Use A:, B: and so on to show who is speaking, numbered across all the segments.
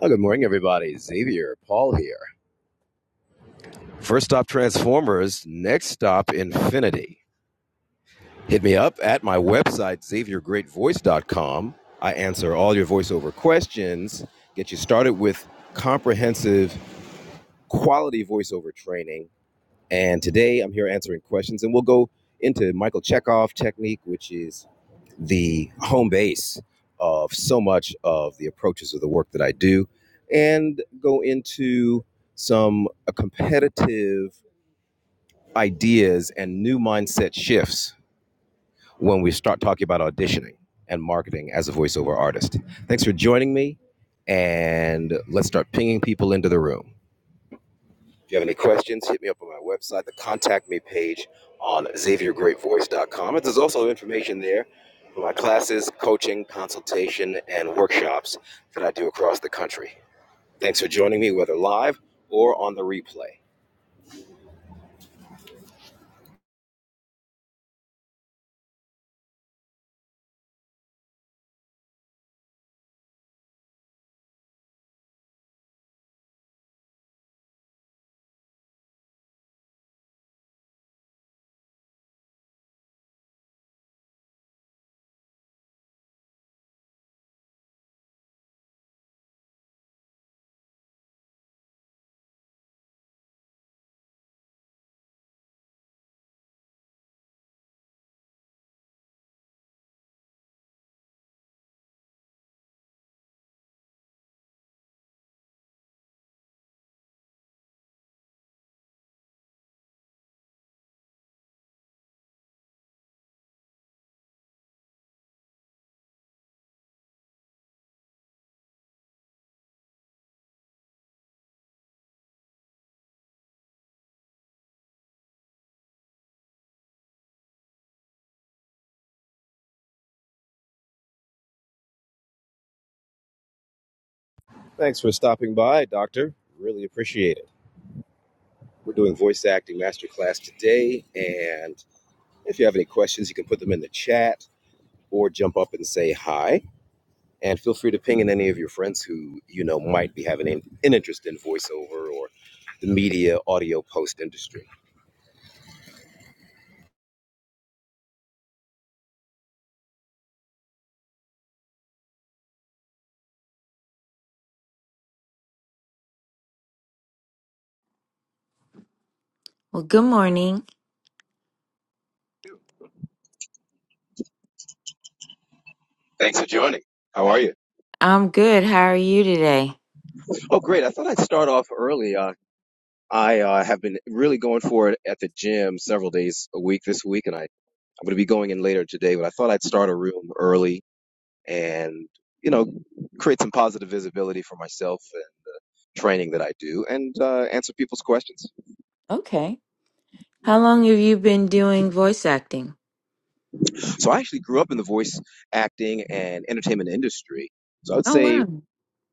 A: Oh, good morning, everybody. Xavier, Paul here. First stop Transformers, next stop Infinity. Hit me up at my website, xaviergreatvoice.com. I answer all your voiceover questions, get you started with comprehensive quality voiceover training. And today I'm here answering questions, and we'll go into Michael Chekhov technique, which is the home base of so much of the approaches of the work that I do and go into some uh, competitive ideas and new mindset shifts when we start talking about auditioning and marketing as a voiceover artist. Thanks for joining me, and let's start pinging people into the room. If you have any questions, hit me up on my website, the contact me page on xaviergreatvoice.com. And there's also information there for my classes, coaching, consultation, and workshops that I do across the country. Thanks for joining me, whether live or on the replay. Thanks for stopping by, Doctor. Really appreciate it. We're doing voice acting masterclass today, and if you have any questions, you can put them in the chat or jump up and say hi. and feel free to ping in any of your friends who you know might be having an, an interest in voiceover or the media audio post industry.
B: Well, good morning.
A: Thanks for joining. How are you?
B: I'm good. How are you today?
A: Oh, great! I thought I'd start off early. Uh, I uh, have been really going for it at the gym several days a week this week, and I I'm going to be going in later today. But I thought I'd start a room early and you know create some positive visibility for myself and training that I do, and uh, answer people's questions.
B: Okay. How long have you been doing voice acting?
A: So I actually grew up in the voice acting and entertainment industry. So I would
B: Oh,
A: say,
B: wow.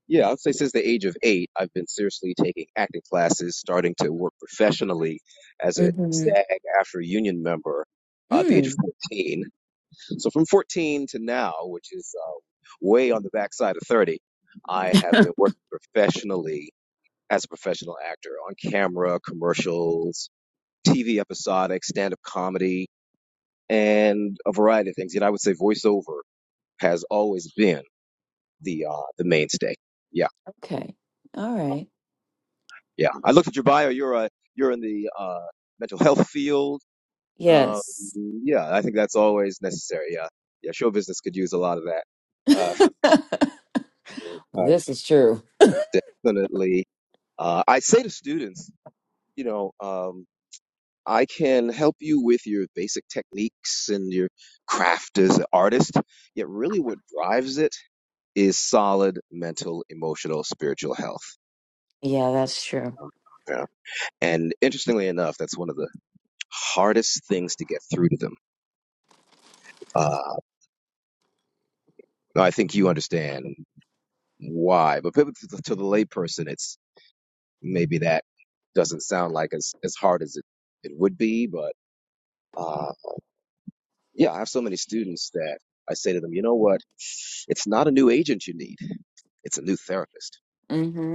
A: yeah, I would say since the age of eight, I've been seriously taking acting classes, starting to work professionally as a
B: Mm-hmm.
A: SAG after union member uh, at the age of
B: Mm.
A: 14. So from 14 to now, which is uh, way on the backside of 30, I have been working professionally as a professional actor on camera, commercials, TV episodic, stand up comedy, and a variety of things. You know, I would say voiceover has always been the uh, the mainstay. Yeah,
B: Okay. All right.
A: yeah. I looked at your bio. You're a you're in the uh, mental health field. Um,
B: Yes.
A: yeah, I think that's always necessary. Yeah, yeah. Show business could use a lot of that. Uh, I
B: this is true.
A: definitely. Uh, I say to students, you know, um, I can help you with your basic techniques and your craft as an artist. Yet, really, what drives it is solid mental, emotional, spiritual health.
B: Yeah, that's true.
A: Um, And interestingly enough, that's one of the hardest things to get through to them. Uh, I think you understand why, but to the to the layperson, it's maybe that doesn't sound like as, as hard as it, it would be. But uh, yeah, I have so many students that I say to them, you know what? It's not a new agent you need. It's a new therapist.
B: Mm-hmm.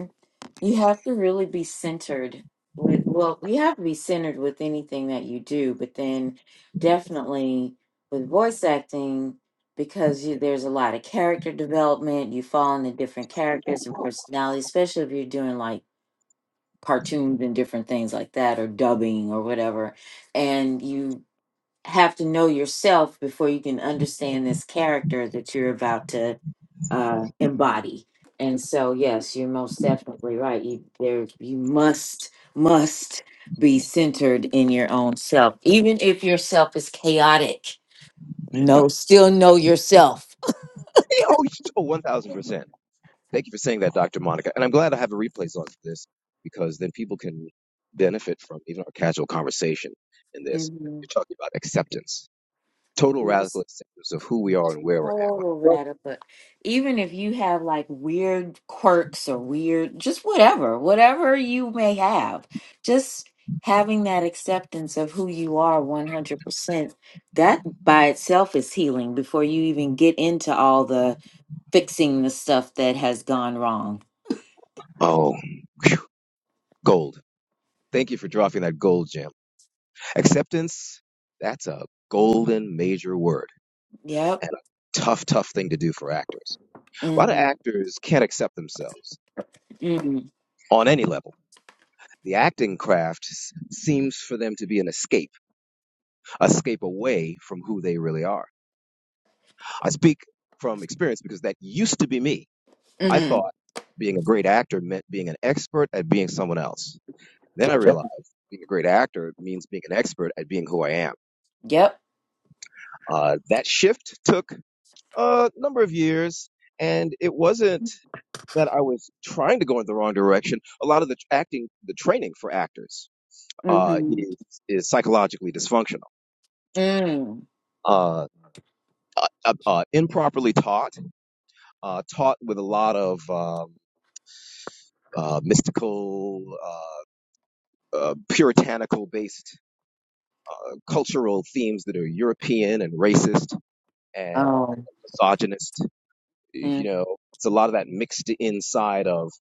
B: You have to really be centered with, well, you have to be centered with anything that you do, but then definitely with voice acting, because you, there's a lot of character development, you fall into different characters and personalities, especially if you're doing like cartoons and different things like that, or dubbing or whatever. And you have to know yourself before you can understand this character that you're about to uh, embody. And so, yes, you're most definitely right. You there, you must must be centered in your own self, even if your self is chaotic.
A: Yeah.
B: No, still know yourself.
A: Oh, 1000%. Thank you for saying that, Dr. Monica. And I'm glad I have the replays on for this because then people can benefit from even our casual conversation in this.
B: Mhm.
A: You're talking about acceptance, total
B: No,
A: radical acceptance of who we are and where we're
B: total
A: at.
B: rata, but even if you have like weird quirks or weird, just whatever, whatever you may have, just having that acceptance of who you are 100%, that by itself is healing before you even get into all the fixing the stuff that has gone wrong.
A: Oh, gold. Thank you for dropping that gold gem. Acceptance, that's a golden major word
B: Yep.
A: and a tough, tough thing to do for actors. A lot of
B: Mm-hmm.
A: actors can't accept themselves
B: Mm-hmm.
A: on any level. The acting craft s- seems for them to be an escape escape away from who they really are. I speak from experience because that used to be me. I
B: Mm-hmm.
A: thought being a great actor meant being an expert at being someone else. Then I realized being a great actor means being an expert at being who I am.
B: Yep.
A: Uh, that shift took a number of years, and it wasn't that I was trying to go in the wrong direction. A lot of the acting, the training for actors, uh,
B: Mm-hmm.
A: is, is psychologically dysfunctional.
B: mm
A: Uh, uh, uh, improperly taught uh, taught with a lot of um, uh, mystical, uh, uh, puritanical based uh, cultural themes that are European and racist and
B: Oh.
A: misogynist. You know, it's a lot of that mixed inside of,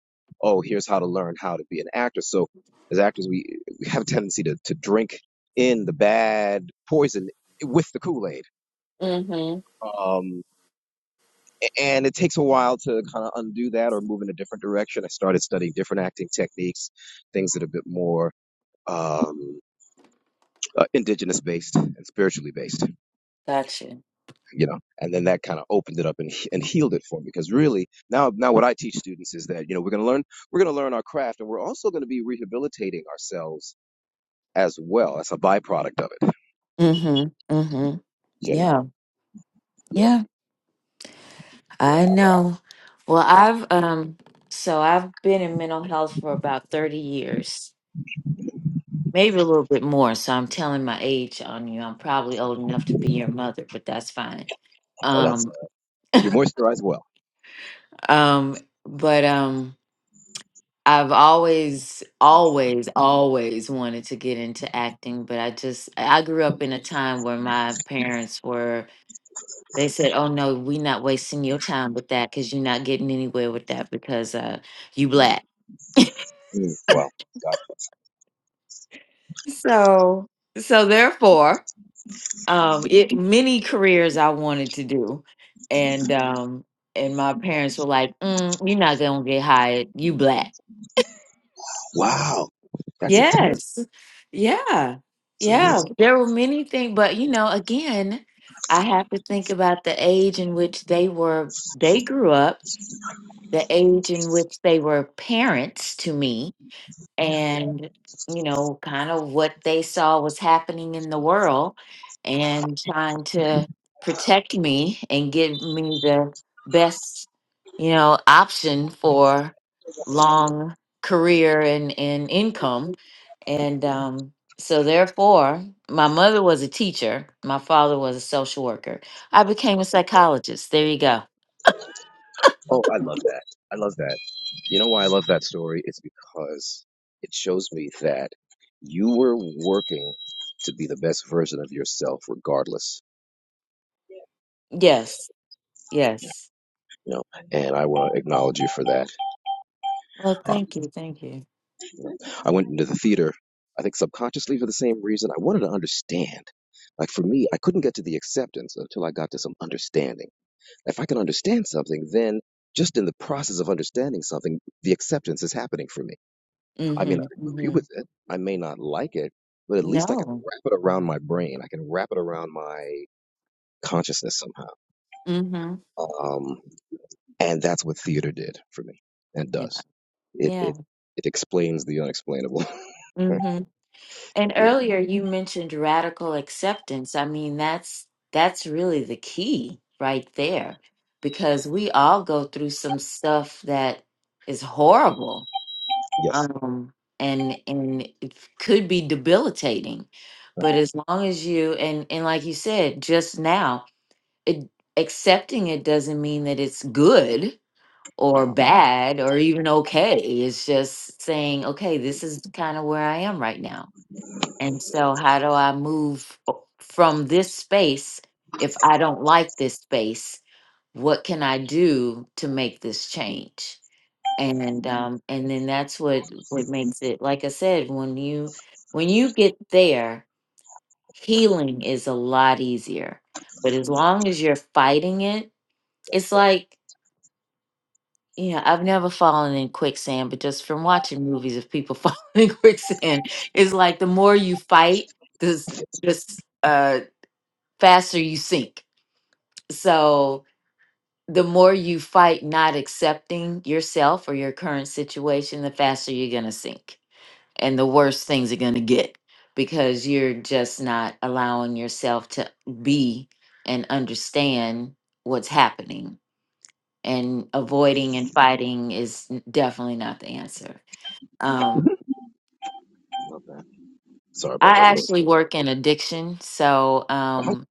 A: oh, here's how to learn how to be an actor. So as actors, we, we have a tendency to, to drink in the bad poison with the Kool Aid.
B: Mm-hmm.
A: and it takes a while to kind of undo that or move in a different direction. I started studying different acting techniques, things that are a bit more um, uh, indigenous based and spiritually based,
B: Gotcha.
A: you know. And then that kind of opened it up and and healed it for me because really now now what I teach students is that you know we're going to learn we're going to learn our craft and we're also going to be rehabilitating ourselves as well. That's a byproduct of it,
B: Mm-hmm. Mm-hmm.
A: you
B: Yeah.
A: know. Yeah.
B: Yeah. I know. Well, I've um so I've been in mental health for about 30 years, maybe a little bit more. So I'm telling my age on you. I'm probably old enough to be your mother, but that's fine.
A: Oh, that's uh,
B: Um
A: you moisturize well.
B: um but um I've always always always wanted to get into acting, but I just I grew up in a time where my parents were they said, "Oh no, we're not wasting your time with that cuz you're not getting anywhere with that because uh you black."
A: Mm, well, gotcha.
B: So, so therefore, um, it many careers I wanted to do, and um, and my parents were like, mm, "You're not gonna get hired. You black."
A: Wow, that's intense.
B: Yes, yeah,
A: It's real.
B: yeah. There were many things, but you know, again, I have to think about the age in which they were. They grew up, the age in which they were parents to me, and you know kind of what they saw was happening in the world and trying to protect me and give me the best you know option for long career and, and income and um, so therefore my mother was a teacher my father was a social worker i became a psychologist there you go
A: Oh, I love that. I love that. You know why I love that story? It's because it shows me that you were working to be the best version of yourself, regardless.
B: yes yes
A: You know, and I want to acknowledge you for that.
B: well
A: Uh,
B: thank you thank you
A: I went into the theater, I think subconsciously for the same reason. I wanted to understand. Like for me, I couldn't get to the acceptance until I got to some understanding. If I can understand something, then just in the process of understanding something, the acceptance is happening for me I may
B: mm-hmm,
A: not agree
B: mm-hmm.
A: with it. I may not like it, but at least I can
B: no
A: wrap it around my brain. I can wrap it around my consciousness somehow.
B: Mm-hmm.
A: Um, and that's what theater did for me and
B: Yeah.
A: does. It,
B: Yeah.
A: it, it explains the unexplainable.
B: Mm-hmm. And earlier you mentioned radical acceptance. I mean, that's that's really the key right there because we all go through some stuff that is horrible.
A: yes.
B: Um and and it could be debilitating. But as long as you and and like you said just now, it accepting it doesn't mean that it's good.
A: Uh-huh.
B: or bad or even okay. It's just saying, okay, this is kind of where I am right now. And so, how do I move o- from this space if I don't like this space? What can I do to make this change? And Mhm. um, and then that's what what makes it. Like I said, when you when you get there, healing is a lot easier. But as long as you're fighting it, it's like Yeah, I've never fallen in quicksand, but just from watching movies of people falling in quicksand, it's like the more you fight, this just uh faster you sink. So the more you fight not accepting yourself or your current situation, the faster you're gonna sink. And the worse things are gonna get because you're just not allowing yourself to be and understand what's happening and avoiding and fighting is n- definitely not the answer. Um,
A: Love that. Sorry
B: I
A: about that noise.
B: actually
A: in the
B: work in addiction, so
A: back. Oh,
B: um,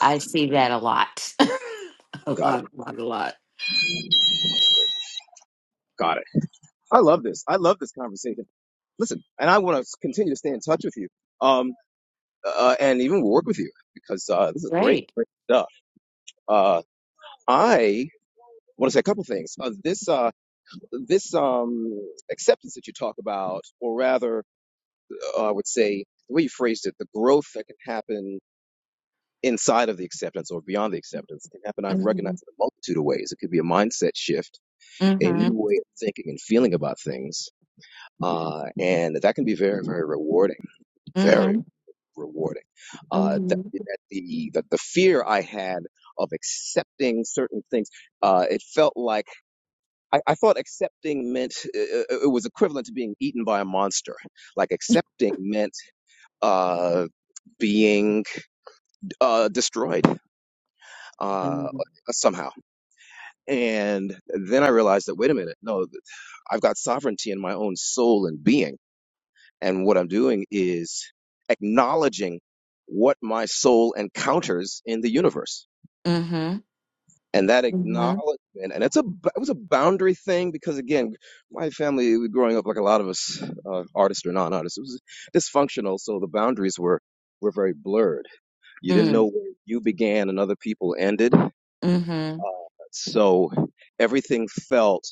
B: I see that a lot, a
A: got it.
B: lot, a lot, a lot.
A: Got it. I love this. I love this conversation. Listen, and I want to continue to stay in touch with you. Um, uh, and even work with you because uh, this is great,
B: Right.
A: great stuff. Uh, I want to say a couple things. Uh, this uh, this um, acceptance that you talk about, or rather, uh, I would say the way you phrased it, the growth that can happen inside of the acceptance or beyond the acceptance can happen. I've
B: Mm-hmm.
A: recognized in a multitude of ways. It could be a mindset shift, a new
B: Mm-hmm.
A: way of thinking and feeling about things. Uh, and that can be very, very rewarding. Very,
B: Mm-hmm.
A: rewarding. Uh, that,
B: Mm-hmm.
A: that the that the fear I had of accepting certain things, uh, it felt like I, I thought accepting meant uh, uh, it was equivalent to being eaten by a monster. Like accepting meant uh, being uh, destroyed uh, somehow. And then I realized that wait a minute, no, I've got sovereignty in my own soul and being. And what I'm doing is acknowledging what my soul encounters in the universe
B: Mm-hmm.
A: and that
B: Mm-hmm.
A: acknowledgement and it's a, it was a boundary thing because again my family growing up like a lot of us uh, artists or non-artists it was dysfunctional so the boundaries were were very blurred you didn't
B: Mm.
A: know where you began and other people ended uh,
B: Mm-hmm.
A: so everything felt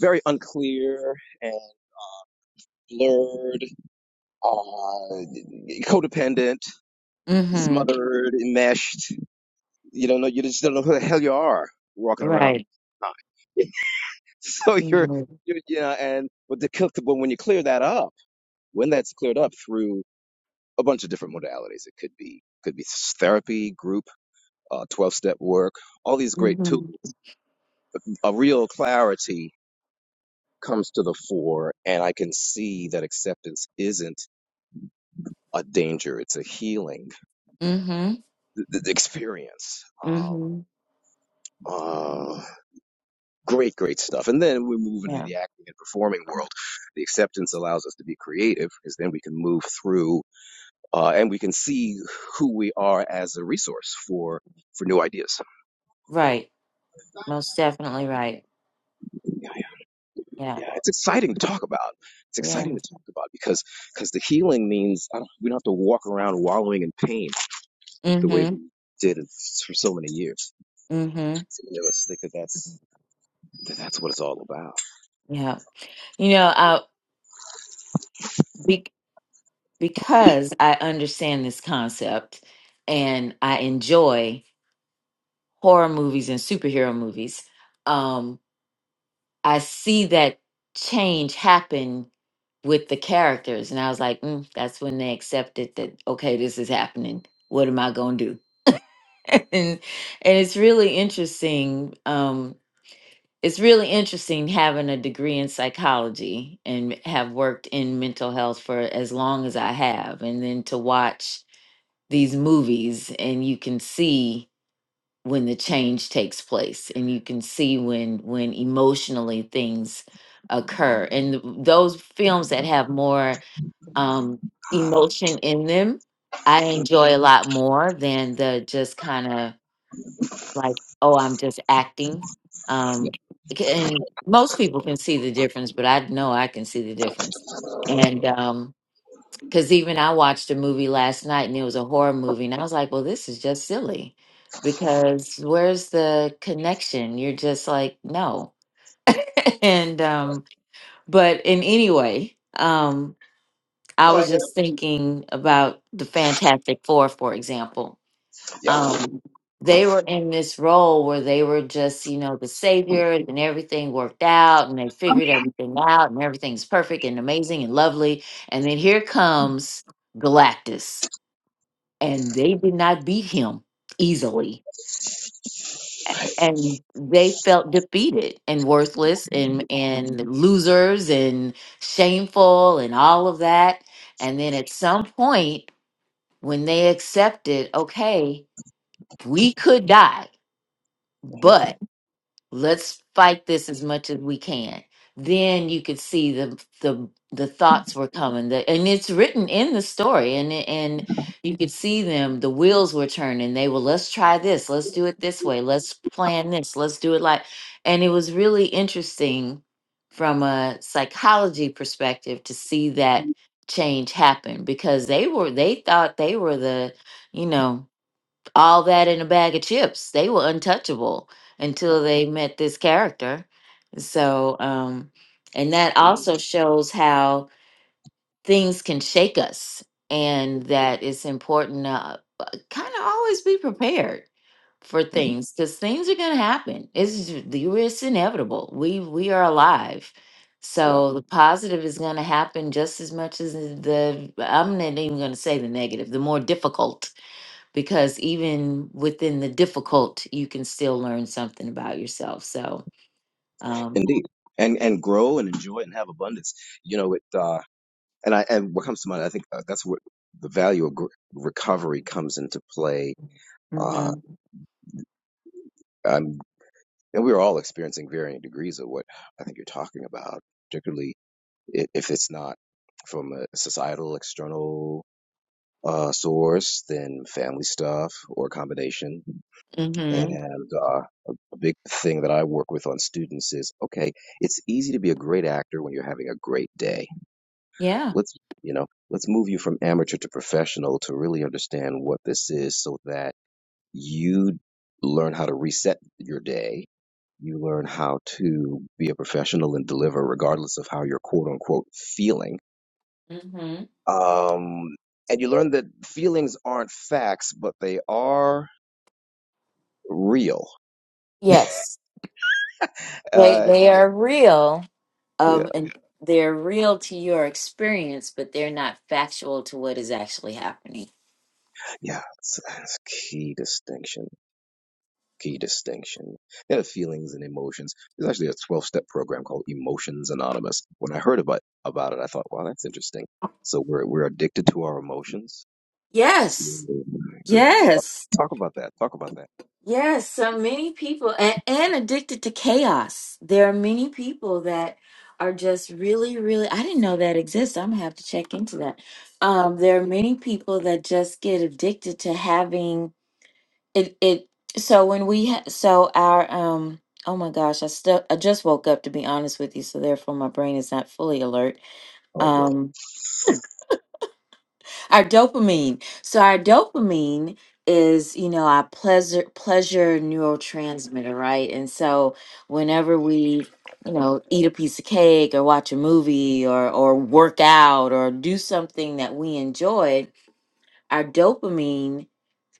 A: very unclear and blurred uh, codependent
B: Mm-hmm.
A: smothered enmeshed you don't know you just don't know who the hell you are walking around
B: Right.
A: so you're,
B: Mm-hmm.
A: you're you know and with the cook but when you clear that up when that's cleared up through a bunch of different modalities it could be could be therapy group uh, 12-step work all these great tools
B: Mm-hmm.
A: a real clarity comes to the fore and i can see that acceptance isn't a danger it's a healing th- th- experience
B: Mm-hmm.
A: um, uh, great great stuff and then we move into
B: Yeah.
A: the acting and performing world the acceptance allows us to be creative because then we can move through uh, and we can see who we are as a resource for for new ideas.
B: Right. Most definitely right.
A: Yeah, yeah,
B: Yeah.
A: yeah. It's exciting to talk about. It's
B: Yeah.
A: exciting to talk about because because the healing means I don't, we don't have to walk around wallowing in pain the way
B: Mm-hmm.
A: we did for so many years.
B: Mm-hmm.
A: So many of us think that that's that that's what it's all about.
B: Yeah. You know, uh, be- because I understand this concept and I enjoy horror movies and superhero movies, um, I see that change happen with the characters. And I was like, mm, that's when they accepted that, okay, this is happening. What am I going to do? and, and it's really interesting. Um, it's really interesting having a degree in psychology and have worked in mental health for as long as I have, and then to watch these movies and you can see when the change takes place and you can see when when emotionally things occur and th- those films that have more um emotion in them i enjoy a lot more than the just kind of like, oh, I'm just acting. Um, and most people can see the difference, but I know I can see the difference. And um, because even I watched a movie last night and it was a horror movie, and I was like, well, this is just silly because where's the connection? You're just like, no. And, um, but in anyway, um, I
A: No, I
B: was
A: get it.
B: just thinking about the Fantastic Four, for example
A: Yeah,
B: um, they were in this role where they were just, you know, the savior and everything worked out and they figured everything out and everything's perfect and amazing and lovely. And then here comes Galactus, and they did not beat him easily. And they felt defeated and worthless and, and losers and shameful and all of that. And then at some point, when they accepted, okay, we could die,
A: Mhm,
B: but let's fight this as much as we can then you could see the the the thoughts were coming the, and it's written in the story and it- and you could see them the wheels were turning they were let's try this let's do it this way let's plan this let's do it like and it was really interesting from a psychology perspective to see that change happen because they were they thought they were the you know all that in a bag of chips. They were untouchable until they met this character. So, um, and that also shows how things can shake us, and that it's important to kind of always be prepared for
A: mhm,
B: things because things are going to happen. It's ju- the it's inevitable. We we are alive.
A: yeah,
B: So the positive is going to happen just as much as the I'm not even going to say the negative. The more difficult because even within the difficult, you can still learn something about yourself. So, um,
A: indeed. And and grow and enjoy and have abundance. You know it. Uh, and I and what comes to mind, I think uh, that's what the value of gr- recovery comes into play uh,
B: mhm,
A: um, and we are all experiencing varying degrees of what I think you're talking about, particularly i- if it's not from a societal external uh, source, then family stuff or a combination.
B: mhm,
A: And uh, a big thing that I work with on students is okay, it's easy to be a great actor when you're having a great day.
B: yeah,
A: Let's you know, let's move you from amateur to professional to really understand what this is, so that you learn how to reset your day You learn how to be a professional and deliver regardless of how you're quote unquote feeling.
B: mhm,
A: Um, and you learn that feelings aren't facts, but they are real.
B: yes, they
A: Uh,
B: they are real,
A: yeah,
B: um, and they're real to your experience, but they're not factual to what is actually happening.
A: yeah, it's, it's key distinction. Key distinction. Yeah, feelings and emotions. There's actually a 12 step program called Emotions Anonymous. When I heard about about it, I thought, wow, that's interesting. So we're we're addicted to our emotions.
B: Yes,
A: Yeah,
B: yes.
A: talk about that. Talk about that.
B: Yes, so many people and, and addicted to chaos. There are many people that are just really, really I didn't know that exists. I'm gonna have to check into that. Um, there are many people that just get addicted to having it it so when we ha- so our um oh my gosh, I still I just woke up to be honest with you, so therefore my brain is not fully alert.
A: All good.
B: Um, our dopamine. So our dopamine is, you know, our pleasure pleasure neurotransmitter, right? And so whenever we, you know, eat a piece of cake or watch a movie or or work out or do something that we enjoy, our dopamine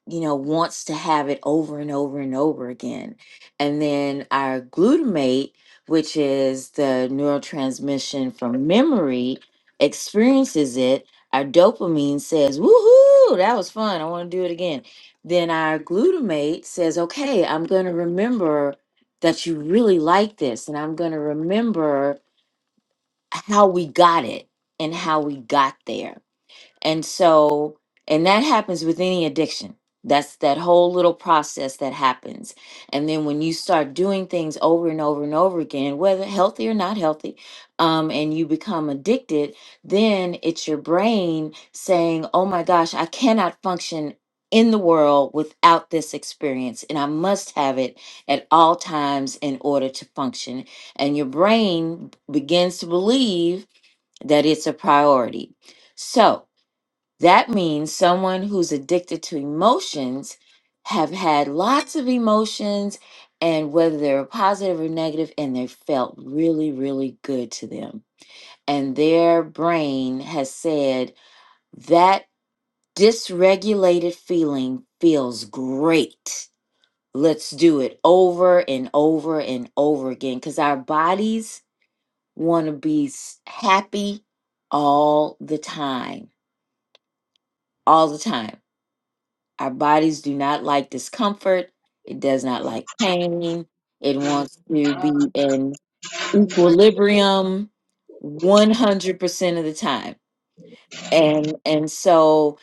B: you know, wants to have it over and over and over again. And then our glutamate, which is the neurotransmission from memory, experiences it. Our dopamine says, woohoo, that was fun. I want to do it again. Then our glutamate says, okay, I'm going to remember that you really like this. And I'm going to remember how we got it and how we got there and so, and that happens with any addiction. That's that whole little process that happens. And then when you start doing things over and over and over again, whether healthy or not healthy, um, and you become addicted, then it's your brain saying, oh my gosh, I cannot function in the world without this experience. And I must have it at all times in order to function. And your brain begins to believe that it's a priority. So, that means someone who's addicted to emotions have had lots of emotions and whether they were positive or negative and they felt really really good to them. And their brain has said that dysregulated feeling feels great. Let's do it over and over and over again cuz our bodies want to be s- happy all the time. All the time Our bodies do not like discomfort. It does not like pain. It wants to be in equilibrium 100% of the time. And and so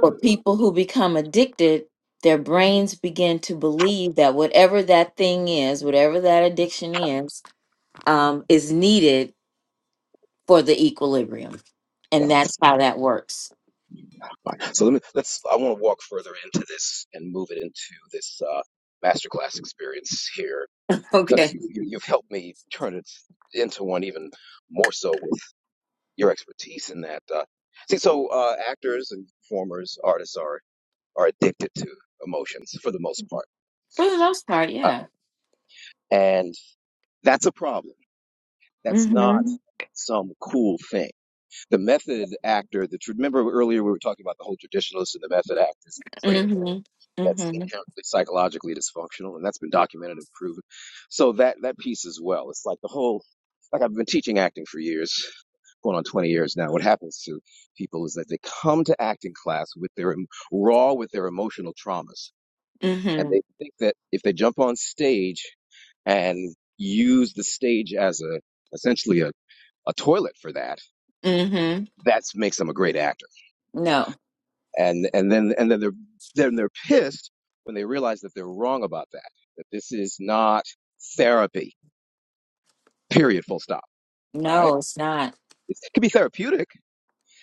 B: for people who become addicted, their brains begin to believe that whatever that thing is, whatever that addiction is, um, is needed for the equilibrium.
A: Yeah,
B: And that's how that works.
A: fine. So let me let's I want to walk further into this and move it into this uh masterclass experience here because
B: Okay.
A: you, you you've helped me turn it into one even more so with your expertise in that. Uh, see, so uh, actors and performers, artists are are addicted to emotions for the most part,
B: For the most part,
A: uh,
B: yeah.
A: and that's a problem. That's not
B: Mm-hmm.
A: some cool thing the method actor that you remember earlier we were talking about the whole traditionalists and the method actors in training that, that's
B: Mm-hmm.
A: inherently psychologically dysfunctional and that's been documented and proven so that that piece as well it's like the whole like i've been teaching acting for years going on 20 years now what happens to people is that they come to acting class with their raw with their emotional traumas and
B: Mm-hmm.
A: they think that if they jump on stage and use the stage as a essentially a, a toilet for that
B: Mm-hmm.
A: that makes them a great actor
B: No.
A: and and then and then they're then they're pissed when they realize that they're wrong about that that this is not therapy period full stop right
B: No, it's not.
A: it can be therapeutic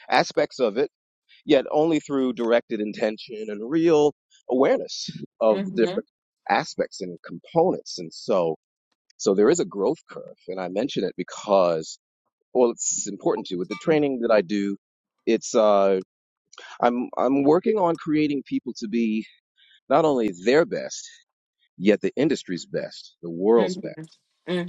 A: aspects of it yet only through directed intention and real awareness of the
B: Mm-hmm.
A: different aspects and components and so so there is a growth curve and i mention it because well it's important to with the training that i do it's uh i'm i'm working on creating people to be not only their best yet the industry's best, the world's best,
B: Mm-hmm.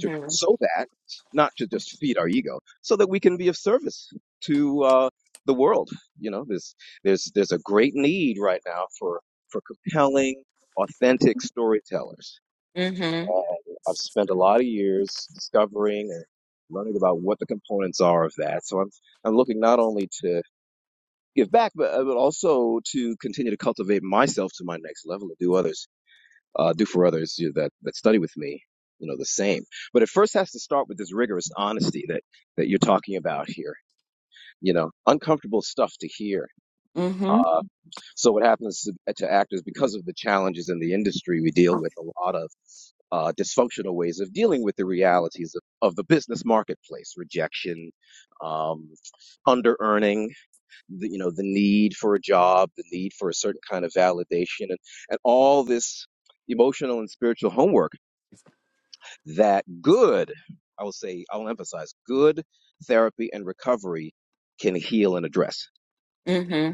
A: to, so that not to just feed our ego, so that we can be of service to uh, the world. You know, there's there's there's a great need right now for for compelling, authentic storytellers.
B: Mm-hmm.
A: And I've spent a lot of years discovering and learning about what the components are of that. So I'm I'm looking not only to give back, but, uh, but also to continue to cultivate myself to my next level and do others uh, do for others you know, that that study with me, you know, the same. But it first has to start with this rigorous honesty that that you're talking about here. You know, uncomfortable stuff to hear.
B: Mm-hmm.
A: Uh, so what happens to, to actors because of the challenges in the industry? We deal with a lot of uh, dysfunctional ways of dealing with the realities of, of the business marketplace: rejection, um, under earning, the, you know, the need for a job, the need for a certain kind of validation, and and all this emotional and spiritual homework that good, I will say, I'll emphasize good therapy and recovery can heal and address.
B: Mm-hmm.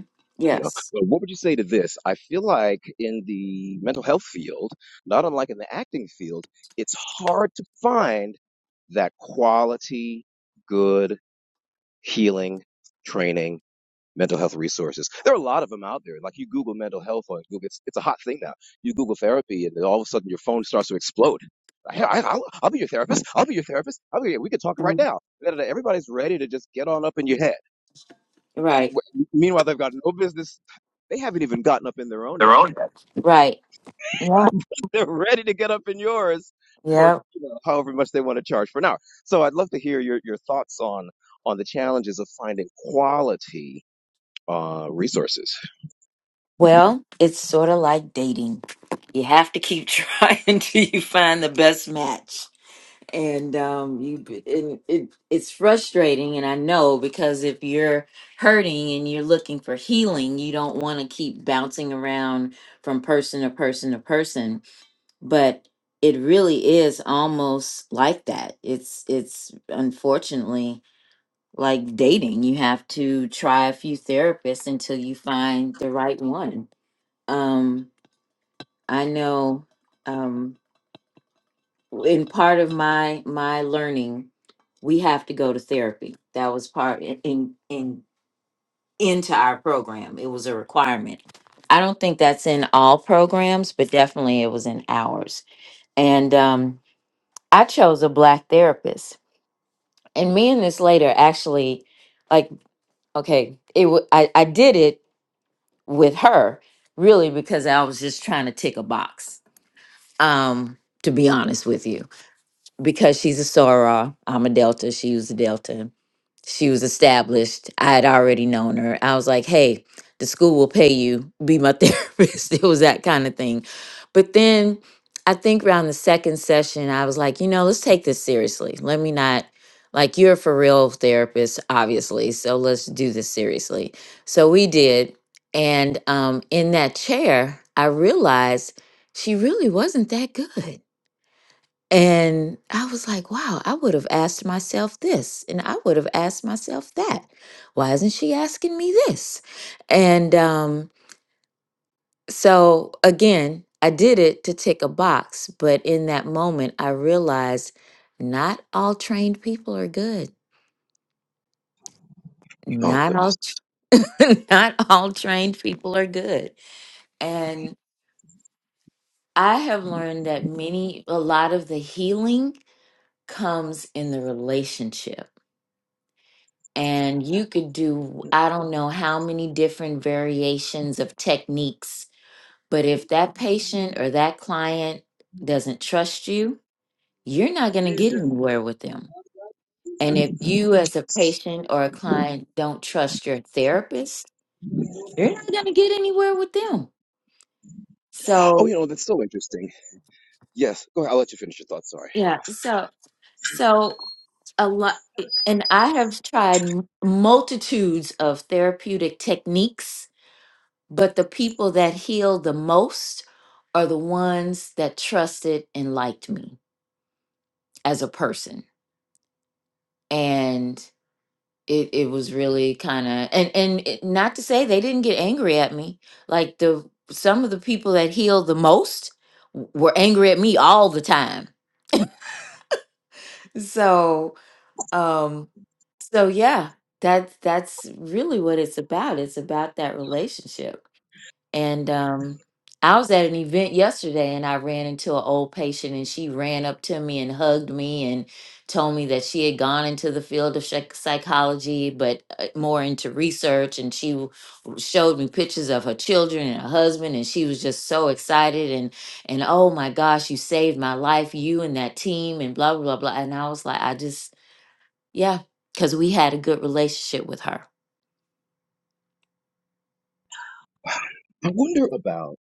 A: You know,
B: Yes.
A: but what would you say to this? I feel like in the mental health field, not unlike in the acting field, it's hard to find that quality, good healing training mental health resources. There are a lot of them out there. Like you Google mental health on Google, it's, it's a hot thing now. You Google therapy, and then all of a sudden your phone starts to explode. I, I, I'll, I'll be your therapist. I'll be your therapist. I'll be, we can talk right
B: Mhm.
A: now. Everybody's ready to just get on up in your head.
B: Right.
A: Meanwhile, they've got no business. They haven't even gotten up in their own
B: They're
A: head.
B: all- Right. Yeah.
A: They're ready to get up in yours for
B: Yeah.
A: you know, however much they want to charge for an hour. So I'd love to hear your, your thoughts on on the challenges of finding quality uh, resources.
B: Well, it's sort of like dating. You have to keep trying till you find the best match. and um you and it it's frustrating and i know because if you're hurting and you're looking for healing you don't want to keep bouncing around from person to person to person but it really is almost like that it's it's unfortunately like dating you have to try a few therapists until you find the right one um i know um, in part of my my learning we have to go to therapy that was part in in, in into our program it was a requirement i don't think that's in all programs but definitely it was in ours and um i chose a black therapist and me and this later actually like okay it wa- I, I did it with her really because i was just trying to tick a box um to be honest with you because she's a Sora. I'm a Delta. She was a Delta. She was established. I had already known her. I was like, hey, the school will pay you. Be my therapist. It was that kind of thing. But then I think around the second session, I was like, you know, let's take this seriously. Let me not, like, you're a for real therapist, obviously. So let's do this seriously. So we did. And um, in that chair, I realized she really wasn't that good and I was like, wow, I would have asked myself this, and I would have asked myself that. Why isn't she asking me this? And um, so again, I did it to tick a box, but in that moment, I realized not all trained people are good.
A: Oh
B: Not all,
A: goodness.
B: not all trained people are good. And I have learned that many, a lot of the healing comes in the relationship and you could do I don't know how many different variations of techniques. But if that patient or that client doesn't trust you, you're not going to
A: No.
B: get anywhere with them. And if you, as a patient or a client, don't trust your therapist, you're not going to get anywhere with them.
A: Oh,
B: So,
A: you know that's so interesting. Yes, go ahead. I'll let you finish your thoughts. Sorry.
B: yeah, so, so a lot, and I have tried m- multitudes of therapeutic techniques But the people that healed the most are the ones that trusted and liked me as a person. And it, it was really kind of and and it, not to say they didn't get angry at me. Like the some of the people that healed the most w- were angry at me all the time. So um so yeah, that's that's really what it's about. It's about that relationship. And um, I was at an event yesterday and I ran into an old patient and she ran up to me and hugged me and told me that she had gone into the field of psych- psychology, but uh, more into research. And she w- w- showed me pictures of her children and her husband. And she was just so excited. And, and oh my gosh, you saved my life, you and that team, and blah, blah, blah. And I was like, I just, yeah, because we had a good relationship with her.
A: I wonder about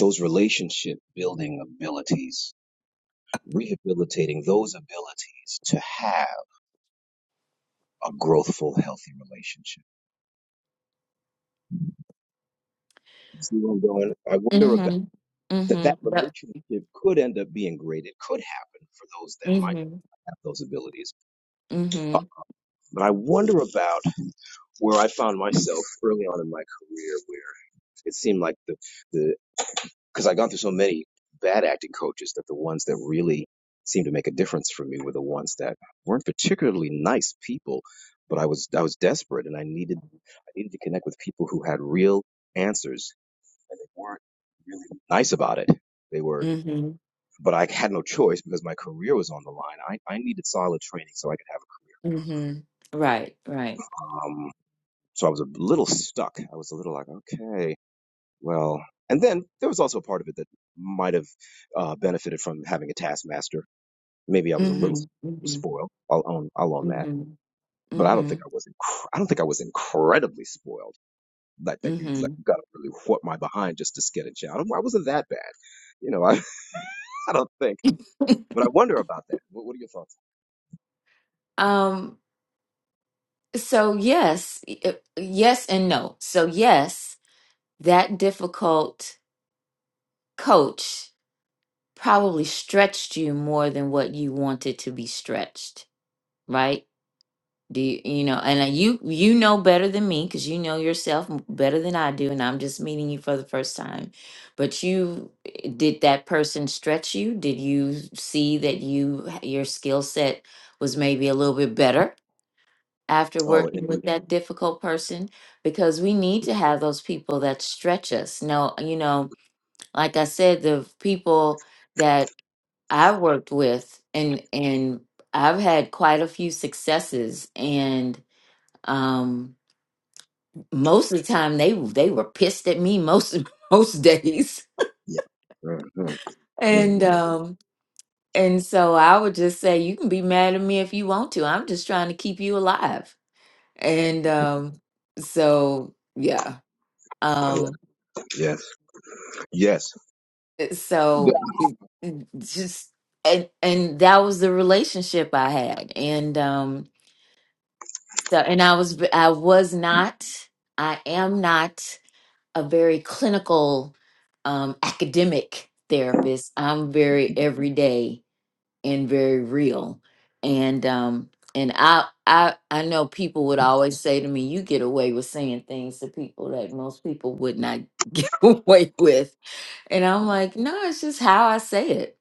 A: those relationship building abilities, rehabilitating those abilities to have a growthful, healthy relationship. You See where I'm going? I wonder about
B: Mm hmm. Mm
A: that. That
B: hmm. Yep.
A: relationship could end up being great. It could happen for those that might.
B: Mm hmm.
A: have those abilities.
B: Mm hmm.
A: But I wonder about where I found myself early on in my career, where it seemed like the the because I had gone through so many bad acting coaches that the ones that really seemed to make a difference for me were the ones that weren't particularly nice people, but I was I was desperate and I needed I needed to connect with people who had real answers and they weren't really nice about it. They were
B: hmm
A: but I had no choice because my career was on the line. I, I needed solid training so I could have
B: hmm Right, right.
A: a career. So I was a little stuck. I was a little like, okay, well. And then there was also a part of it that might have uh, benefited from having a taskmaster. Maybe I was
B: hmm
A: a little
B: hmm hmm
A: spoiled. I'll own, I'll own that.
B: hmm
A: But I don't think I was. Inc- I don't think I was incredibly spoiled. Like that, you like
B: hmm
A: got to really whoop my behind just to get a job. I wasn't that bad, you know. I, I don't think. But I wonder about that. What, what are your thoughts?
B: Um, so yes, y- uh, yes and no. So yes, that difficult coach probably stretched you more than what you wanted to be stretched, right? Do you, you know, and uh, you you know better than me because you know yourself m- better than I do, and I'm just meeting you for the first time. But you eh, did that person stretch you? Did you see that you h- your skill set was maybe a little bit better after
A: Oh,
B: working
A: indeed.
B: with that Mhm. difficult person? Because we need to have those people that stretch us. No, you know, like I said, the people that I worked with and and I've had quite a few successes and um most of the time they they were pissed at me most most days
A: Yeah. Mm-hmm.
B: and
A: hmm
B: um and so i would just say you can be mad at me if you want to i'm just trying to keep you alive and um so yeah um
A: Yes. Yes. Yeah.
B: so it- it just and and that was the relationship i had and um so and i was v- i was not i am not a very clinical um, academic therapist. I'm very everyday and very real. And um, and I I I know people would always say to me, "You get away with saying things to people that most people would not get away with." And I'm like, "No, it's just how I say it."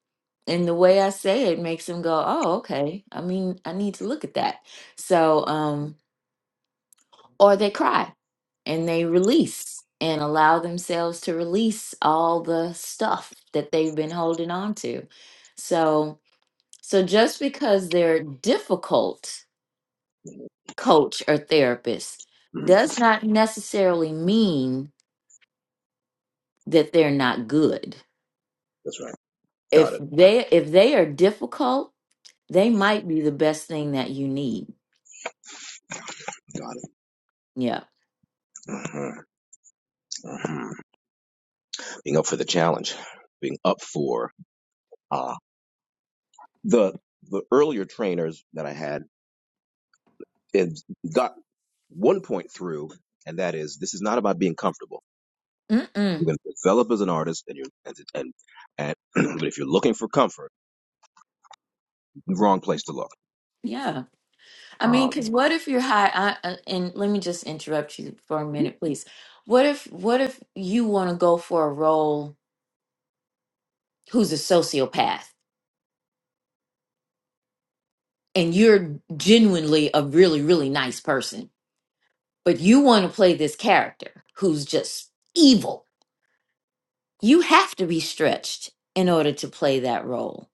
B: And the way I say it makes them go, "Oh, okay. I mean, I need to look at that." So, um, or they cry and they release and allow themselves to release all the stuff that they've been holding on to. So, so just because they're difficult coach or therapist
A: Mhm.
B: does not necessarily mean that they're not good.
A: That's right. Got
B: If
A: it.
B: they if they are difficult, they might be the best thing that you need.
A: Got it.
B: Yeah.
A: hmm hmm Being up for the challenge, being up for uh, the the earlier trainers that I had and got one point through, and that is this is not about being comfortable.
B: Mm-mm.
A: You're going to develop as an artist, and you and and, and but if you're looking for comfort, wrong place to look.
B: Yeah. I mean,
A: Um,
B: because what if you're high? I, I- and let me just interrupt you for a
A: Mhm.
B: minute, please. What if what if you want to go for a role who's a sociopath and you're genuinely a really really nice person, but you want to play this character who's just evil? You have to be stretched in order to play that role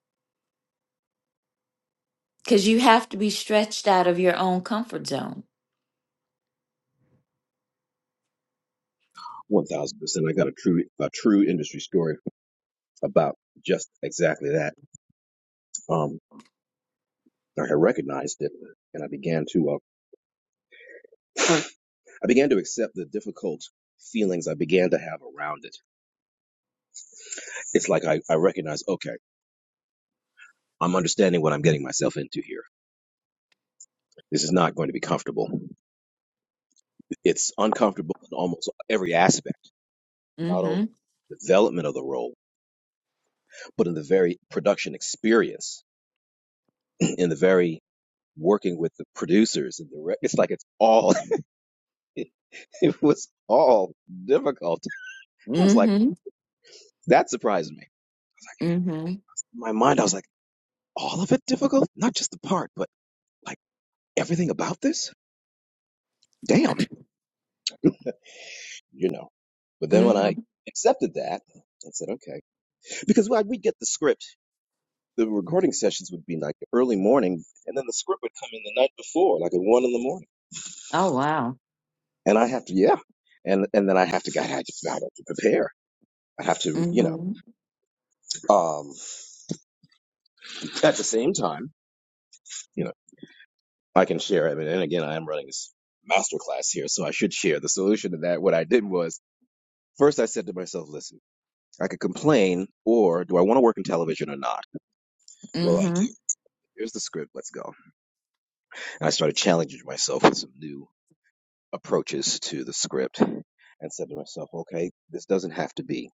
B: because you have to be stretched out of your own comfort zone.
A: One thousand percent. I got a true a true industry story about just exactly that. Um, I had recognized it, and I began to uh, I began to accept the difficult feelings I began to have around it. It's like I, I recognize, okay, I'm understanding what I'm getting myself into here. This is not going to be comfortable. It's uncomfortable in almost every aspect, not only
B: Mm-hmm.
A: development of the role, but in the very production experience, in the very working with the producers and the re- it's like it's all It was all difficult. I was like,
B: Mm-hmm.
A: that surprised me. I was
B: Mm-hmm.
A: like, in my mind, I was like, all of it difficult? Not just the part, but like everything about this? Damn, you know. But then when I
B: Mm-hmm.
A: accepted that, I said, okay. Because when we'd get the script, the recording sessions would be like early morning, and then the script would come in the night before, like at one in the morning.
B: Oh wow.
A: And I have to, yeah. And and then I have to, God, I just I have to prepare. I have to, you know,
B: Mm-hmm.
A: um, at the same time. you know. I can share it. And again, I am running this masterclass here, so I should share. The solution to that, what I did was first I said to myself, listen, I could complain, or do I want to work in television or not? Well, I do.
B: Mm-hmm.
A: Here's the script. Let's go. And I started challenging myself with some new approaches to the script and said to myself, okay, this doesn't have to be.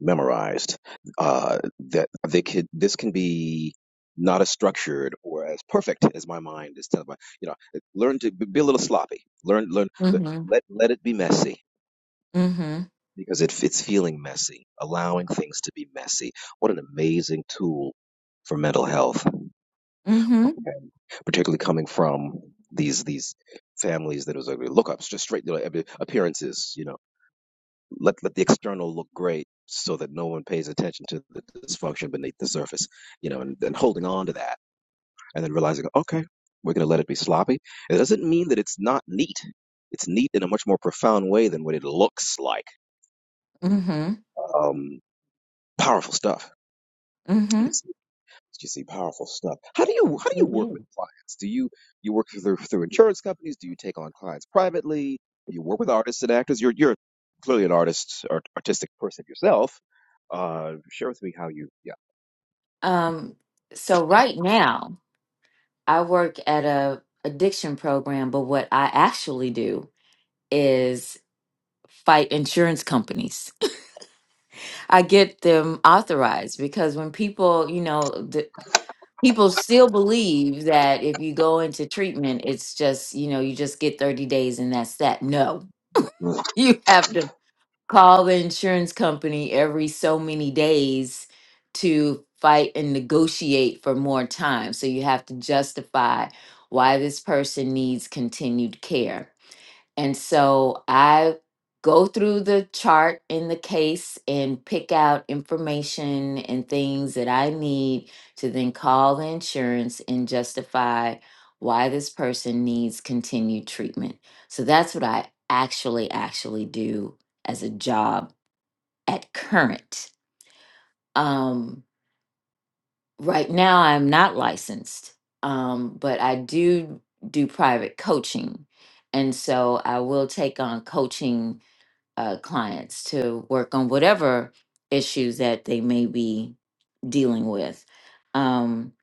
A: memorized. Uh, that they could this can be not as structured or as perfect as my mind is telling my you know learn to be a little sloppy learn learn but
B: mm-hmm.
A: let let it be messy
B: Mm-hmm.
A: because it, it's feeling messy allowing things to be messy what an amazing tool for mental health
B: Mm-hmm.
A: okay? particularly coming from these these families that was like lookups, just straight like, appearances, you know. let let the external look great so that no one pays attention to the dysfunction beneath the surface you know and then holding on to that and then realizing okay we're going to let it be sloppy it doesn't mean that it's not neat it's neat in a much more profound way than what it looks like
B: Mm-hmm.
A: um powerful stuff
B: Mm-hmm.
A: It's you see powerful stuff. How do you how do you
B: It
A: work with
B: is.
A: clients? Do you you work through through insurance companies? Do you take on clients privately? Do you work with artists and actors? You're you're clearly an artist, art, artistic person yourself. Uh, share with me how you yeah.
B: Um, so right now I work at a addiction program, but what I actually do is fight insurance companies. I get them authorized because when people, you know, the people still believe that if you go into treatment, it's just, you know, you just get 30 days and that's that. No.
A: Mm,
B: You have to call the insurance company every so many days to fight and negotiate for more time. So you have to justify why this person needs continued care. And so I go through the chart in the case and pick out information and things that I need to then call the insurance and justify why this person needs continued treatment. So that's what I actually actually do as a job at current. Um right now I'm not licensed. Um but I do do private coaching. And so I will take on coaching uh, clients to work on whatever issues that they may be dealing with. Um,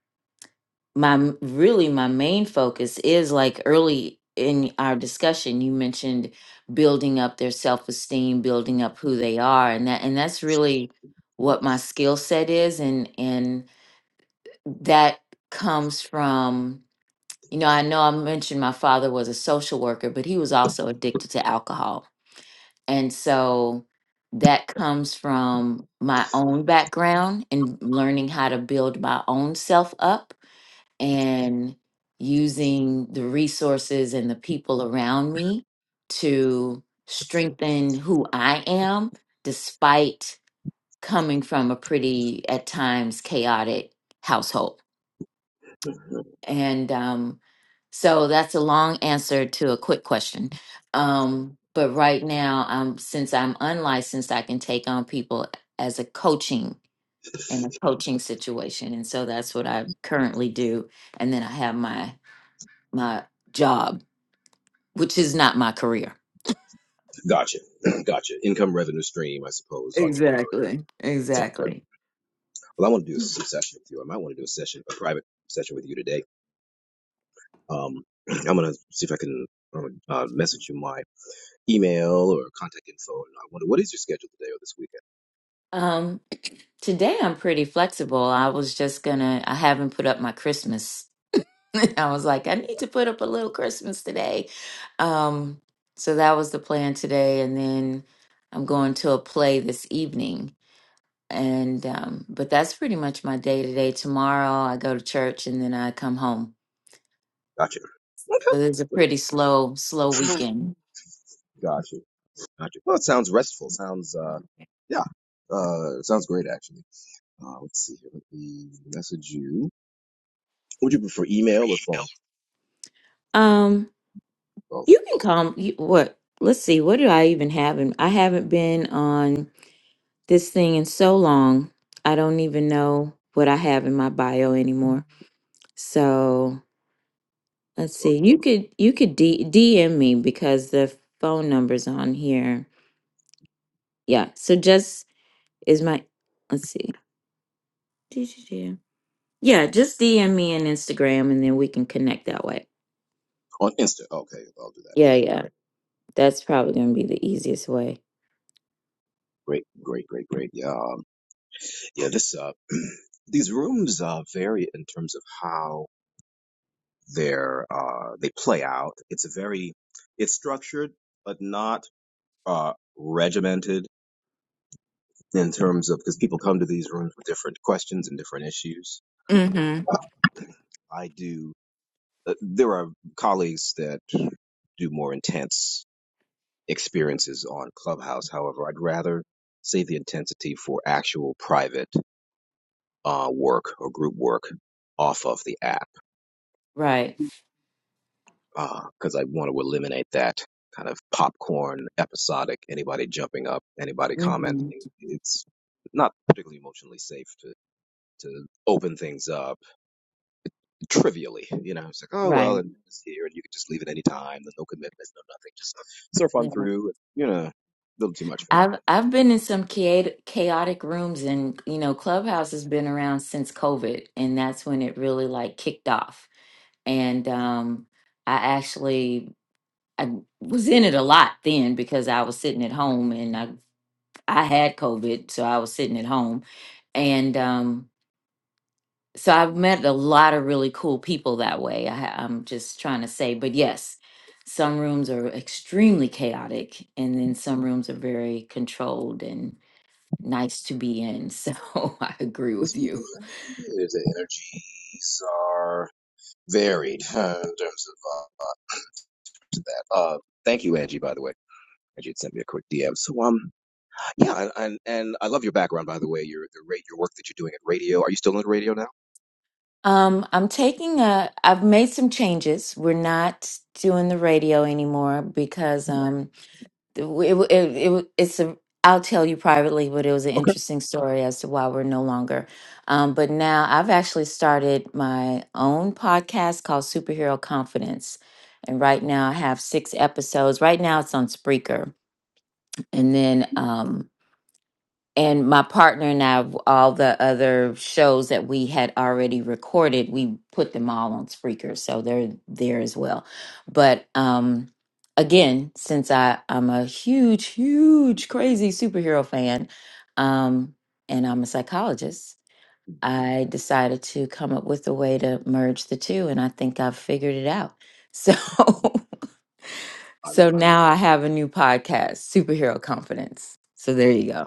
B: my m- really my main focus is like early in our discussion, you mentioned building up their self esteem, building up who they are, and that and that's really what my skill set is, and and that comes from you know I know I mentioned my father was a social worker, but he was also addicted to alcohol and so that comes from my own background and learning how to build my own self up and using the resources and the people around me to strengthen who I am, despite coming from a pretty, at times, chaotic household. And um, so that's a long answer to a quick question. Um, but right now, um, since I'm unlicensed, I can take on people as a coaching in a coaching situation, and so that's what I currently do. And then I have my my job, which is not my career.
A: Gotcha, gotcha. Income revenue stream, I suppose, entrepreneurial.
B: Exactly.
A: at some point.
B: Exactly.
A: Well, I want to do some session with you. I might want to do a session, a private session with you today. Um, I'm gonna see if I can. uh, uh, message you my email or contact info, and I wonder what is your schedule today or this week.
B: Um, today I'm pretty flexible. I was just gonna, I haven't put up my Christmas. I was like, I need to put up a little Christmas today. Um, so that was the plan today. And then I'm going to a play this evening. And um, but that's pretty much my day today. Tomorrow I go to church and then I come home.
A: Gotcha. Okay.
B: So there's a pretty slow, slow
A: Great.
B: weekend.
A: Gotcha. Gotcha. Well, it sounds restful. Sounds, uh, yeah. Uh, sounds great, actually. Uh, let's see here. Let me message you. Would you prefer email or phone?
B: Um,
A: Both.
B: you can come. You, what? Let's see. What do I even have? In, I haven't been on this thing in so long. I don't even know what I have in my bio anymore. So Let's
A: So,
B: see. You could you could D- DM me because the phone number's on here. Yeah. So just is my let's see. D-d-d-d. Yeah, just DM me on Instagram and then we can connect that way.
A: on Insta. Okay. I'll do that.
B: Yeah,
A: Great.
B: yeah. That's probably gonna be the easiest way.
A: Great. Great. Great. Great. Yeah. Um, yeah. This, uh, these rooms, uh, vary in terms of how they're, uh, they play out. It's a very, it's structured, but not, uh, regimented in terms of because people come to these rooms with different questions and different issues.
B: Mm-hmm.
A: Uh, I do. Uh, there are colleagues that do more intense experiences on Clubhouse. However, I'd rather save the intensity for actual private uh, work or group work off of the app
B: Right.
A: because I want to eliminate that kind of popcorn, episodic, anybody jumping up, anybody
B: Mm-hmm.
A: commenting. It's not particularly emotionally safe to, to open things up trivially. You know, it's like, oh well,
B: Right.
A: and it's here, and you can just leave at any time. There's no commitments, no nothing. Just uh, surf
B: Yeah.
A: on through. You know, a little too much for me.
B: I've I've been in some chaot- chaotic rooms and you know Clubhouse has been around since COVID and that's when it really like kicked off. And um I actually I was in it a lot then because I was sitting at home and I I had COVID, so I was sitting at home, and um, so I've met a lot of really cool people that way. I, ha- I'm just trying to say, but yes, some rooms are extremely chaotic, and then some rooms are very controlled and nice to be in. So I agree
A: This
B: with
A: week,
B: you.
A: uh, the energies are varied uh, in terms of uh, that. Uh, thank you, Angie. By the way, Angie had sent me a quick DM. So, um, yeah, and and, and I love your background. By the way, your the rate your work that you're doing at radio. Are you still in radio now?
B: Um, I'm taking a, I've made some changes. We're not doing the radio anymore because um it, it, it it's a I'll tell you privately, but it was an
A: Okay,
B: interesting story as to why we're no longer. Um, but now I've actually started my own podcast called Superhero Confidence, and right now I have six episodes. Right now it's on Spreaker, and then um, and my partner and I, all the other shows that we had already recorded, we put them all on Spreaker, so they're there as well. But um, again, since I I'm a huge, huge, crazy superhero fan, um, and I'm a psychologist, I decided to come up with a way to merge the two, and I think I've figured it out. So,
A: I love
B: so
A: it.
B: now I have a new podcast, Superhero Confidence. So there you go.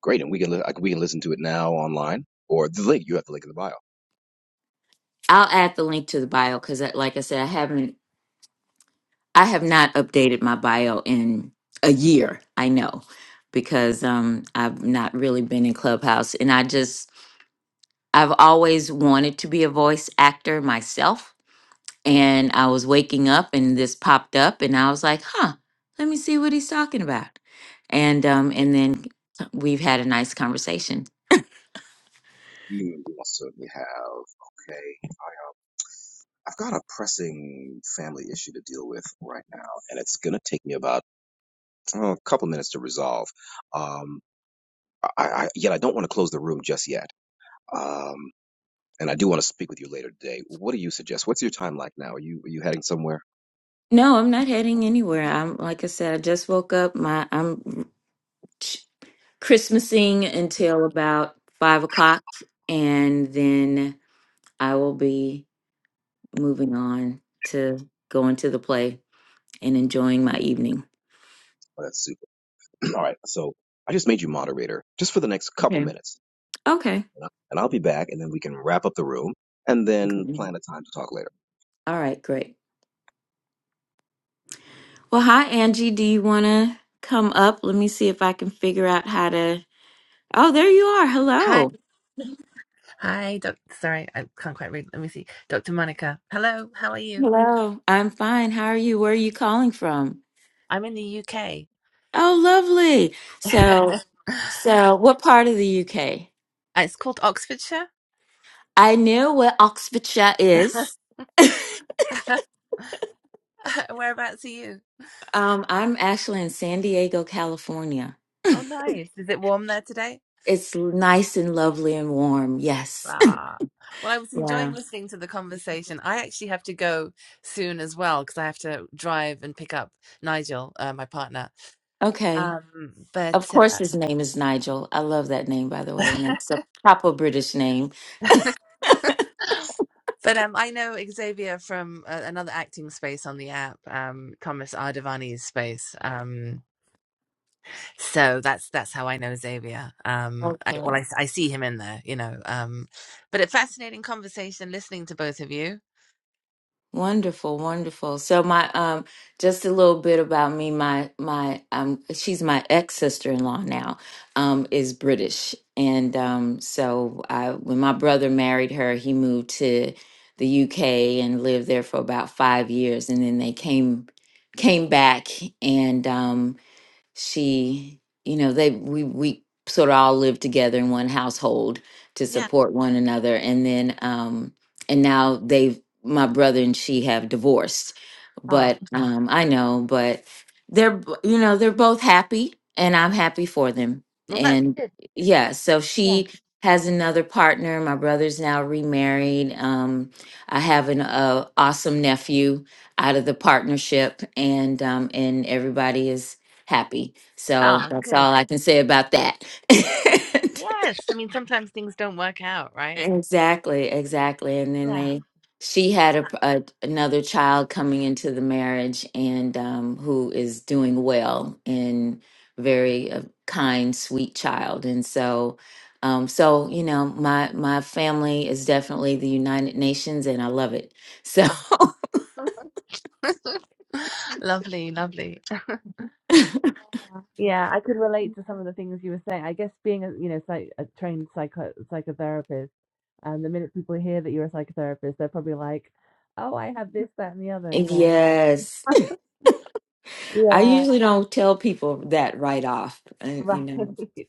A: Great, and we can li- like, we can listen to it now online or the link. You have the link in the bio.
B: I'll add the link to the bio because, like I said, I haven't, I have not updated my bio in a year. I know because um, I've not really been in Clubhouse, and I just, I've always wanted to be a voice actor myself. And I was waking up, and this popped up, and I was like, "Huh, let me see what he's talking about." And um,
A: Yeah,
B: and then we've had a nice conversation.
A: we, we will certainly have. Okay, I've got a pressing family issue to deal with right now, and it's gonna take me about uh, a couple minutes to resolve. Um, I, I yet I don't want to close the room just yet. Um, and I do want to speak with you later today. What do you suggest? What's your time like now? Are you are you heading somewhere?
B: No, I'm not heading anywhere. I'm like I said, I just woke up. My I'm Christmasing until about five o'clock, and then I will be moving on to going to the play and enjoying my evening.
A: Oh, that's super. All right, so I just made you moderator just for the next couple
B: Okay.
A: minutes
B: Okay.
A: Anna, and I'll be back, and then we can wrap up the room and then
B: Good.
A: plan a time to talk later.
B: All right. Great. Well, hi, Angie. Do you want to come up? Let me see if I can figure out how to. Oh, there you are.
C: Hi,
B: Hello.
C: hi, doc- sorry, I can't quite read. Let me see. Dr. Monica. Hello, how are you?
B: Hello. I'm fine. How are you? Where are you calling from?
C: I'm in the UK.
B: Oh, lovely. So, so what part of the UK?
C: It's called Oxfordshire.
B: I know what Oxfordshire is.
C: Whereabouts are you?
B: Um, I'm actually in San Diego, California.
C: Oh, nice. Is it warm there today?
B: It's nice and lovely and warm. Yes.
C: Ah. Well, I was enjoying
B: Yeah.
C: listening to the conversation. I actually have to go soon as well because I have to drive and pick up Nigel, uh, my partner.
B: Okay.
C: Um, but
B: Of course,
C: uh,
B: his name is Nigel. I love that name, by the way. And it's a proper British name.
C: But um, I know Xavier from uh, another acting space on the app, um, Thomas Ardavani's space. Um, so that's that's how I know Xavier. Um, I,
B: Okay.
C: well, I, I see him in there, you know. Um, but a fascinating conversation listening to both of you.
B: Wonderful, wonderful. So my um just a little bit about me. My my um she's my ex sister in law now, um, is British. And um so I when my brother married her, he moved to the UK and lived there for about five years and then they came came back and um she you know they we we sort of all lived together in one household to
C: Yeah.
B: support one another and then um and now they've my brother and she have divorced
C: Ah,
B: but Mhm. um i know but they're b- you know they're both happy and i'm happy for them
C: well, that's
B: and
C: good.
B: yeah so
C: Yeah.
B: she has another partner my brother's now remarried um i have an uh, awesome nephew out of the partnership and um and everybody is happy. So
C: Ah,
B: that's
C: good.
B: all I can say about that.
C: Yes, I mean sometimes things don't work out, right?
B: exactly, exactly. And then
C: Yeah.
B: they, she had a, a another child coming into the marriage, and um, who is doing well and very uh, kind, sweet child. And so, um, so you know, my my family is definitely the United Nations, and I love it. So
C: Ah. Lovely, lovely. Yeah, I could relate to some of the things you were saying. I guess being a you know psych, a trained psycho psychotherapist, and the minute people hear that you're a psychotherapist, they're probably like, "Oh, I have this, that, and the other," you know.
B: yes,
C: Yeah,
B: I usually don't tell people that right off, uh, you
C: right.
B: know.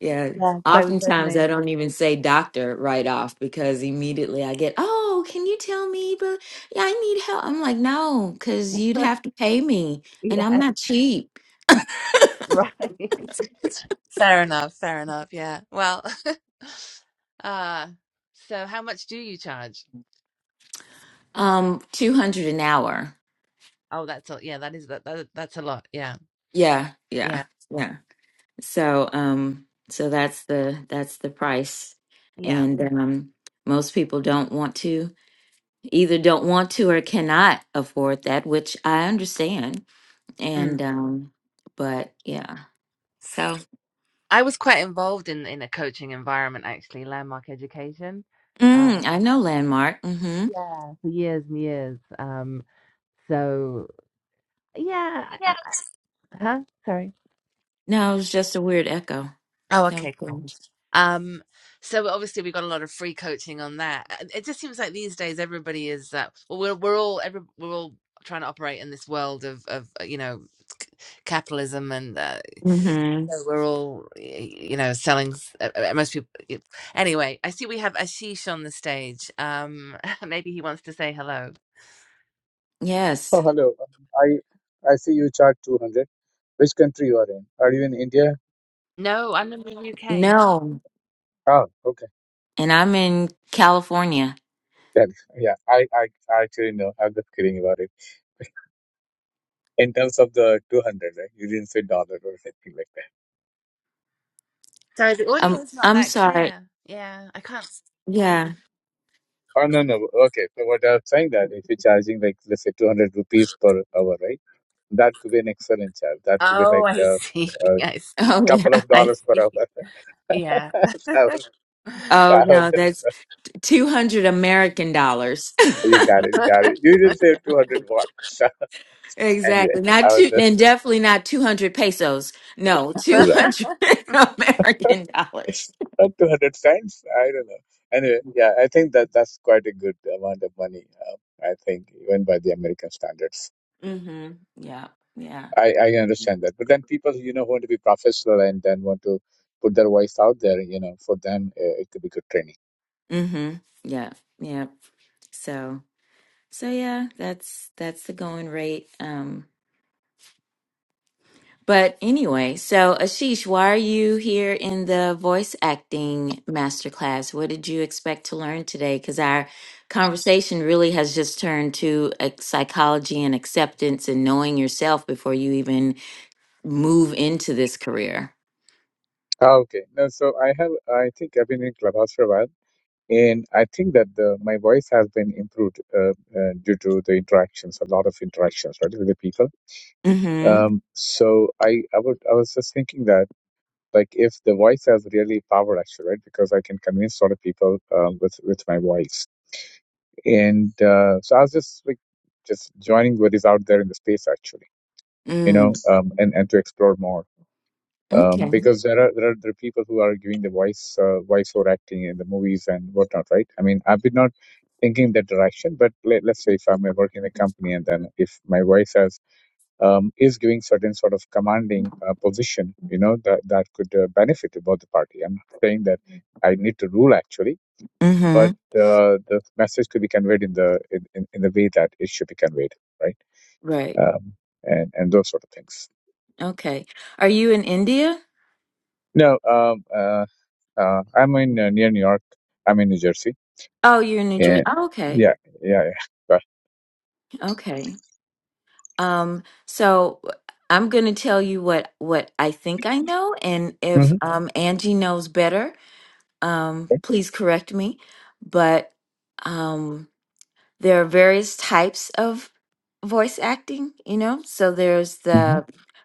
B: Yeah,
C: Yes, I was
B: oftentimes I
C: resonating with.
B: don't even say doctor right off because immediately I get, oh, can you tell me? But yeah, I need help. I'm like, no, because you'd have to pay me, and I'm
C: Yes,
B: not cheap.
C: right. Fair enough, fair enough. Yeah. Well, uh so how much do you charge?
B: Um, two hundred an hour.
C: Oh, that's a, yeah, that is that, that that's a lot. Yeah.
B: Yeah, yeah,
C: Yeah,
B: yeah. So, um, so that's the that's the price,
C: yeah.
B: and um, most people don't want to either don't want to or cannot afford that, which I understand.
C: Mm.
B: And um, but yeah, so.
C: I was quite involved in in a coaching environment actually, Landmark Education.
B: Mm,
C: Um,
B: I know Landmark. Mm-hmm.
C: yeah, for years and years. Um, so yeah, I,
D: Yeah.
C: I, huh? Sorry.
B: No, it was just a weird echo.
C: Oh,
B: That was
C: okay, cool.
B: strange.
C: Um, so obviously we got a lot of free coaching on that. Uh, It just seems like these days everybody is uh, well, we're we're all every, we're all trying to operate in this world of of uh, you know c- capitalism and uh,
B: Mm-hmm.
C: So we're all, you know, selling. s- uh, uh, Most people. y- Anyway, I see we have Ashish on the stage. Um, maybe he wants to say hello.
B: Yes.
D: Oh, hello. I I see you chart 200. Which country you are in? Are you in India?
C: No, I'm in the UK,
B: No.
D: Ah, okay.
B: And I'm in California.
D: Then, yeah, I, I I actually know. I'm just kidding about it. In terms of the 200, right? You didn't say dollar or anything like that.
C: so the audio
B: Um,
C: is not
B: I'm
C: that
B: sorry.
C: clear. Yeah, I can't. s-
B: Yeah.
D: Oh, no, no. Okay. So what I was saying that if you're charging like, let's say 200 rupees per hour, right? That could be an excellent charge. That could be
C: Oh,
D: like
C: I
D: a,
C: see.
D: a
C: I see.
B: Oh
D: couple
B: yeah.
D: of
C: I
D: dollars per hour.
C: see. Yeah.
D: that was,
B: Oh
D: that was
B: no,
D: just,
B: that's two hundred American dollars.
D: you got it, got it.
C: yeah,
D: You didn't say 200 what? Anyway,
B: exactly. Not
D: I was
B: two
D: just
B: and definitely not two hundred pesos. No, two
D: right.
B: hundred American dollars.
D: Not 200 cents. I don't know. Anyway, yeah, I think that that's quite a good amount of money. Um, I think even by the American standards,
B: Mm-hmm. Yeah. Yeah.
D: I I understand that. But then people, you know, want to be professional and then want to put their voice out there. You know, for them, uh, it could be good training.
B: Mm-hmm. Yeah. Yeah. So. So yeah, that's that's the going rate. Um, but anyway, so Ashish, why are you here in the voice acting masterclass? What did you expect to learn today? Because our conversation really has just turned to uh, psychology and acceptance and knowing yourself before you even move into this career.
D: Ah, Okay, no, so I have. I think I've been in Clubhouse for a while, and I think that the, my voice has been improved uh, uh, due to the interactions, a lot of interactions, right, with the people
B: Mm-hmm.
D: Um, so I, I was, I was just thinking that like if the voice has really power actually, right? Because I can convince a lot of people um, with with my voice. And uh, so I was just like just joining what is out there in the space actually, you know,
B: Mm.
D: um, and and to explore more. Um,
B: Okay.
D: because there are, there are there are people who are giving the voice uh, voice over acting in the movies and whatnot, right? I mean, I've been not thinking that direction, but let, let's say if I'm working in a company and then if my voice has um, is giving certain sort of commanding uh, position, you know, that, that could uh, benefit both the party. I'm not saying that I need to rule actually, but
B: Mm-hmm.
D: uh, the message could be conveyed in the in, in, in the way that it should be conveyed, right?
B: Right.
D: Um, and and those sort of things.
B: Okay. Are you in India?
D: No, um, uh, uh, I'm in uh, near New York. I'm in New Jersey.
B: Oh, you're in New Jersey.
D: Yeah,
B: Oh, okay.
D: yeah, yeah, yeah.
B: Okay. Um, so I'm going to tell you what what I think I know, and if
D: Mm-hmm,
B: um, Angie knows better, um, please correct me. But um, there are various types of voice acting, you know? So there's
D: mm-hmm.
B: the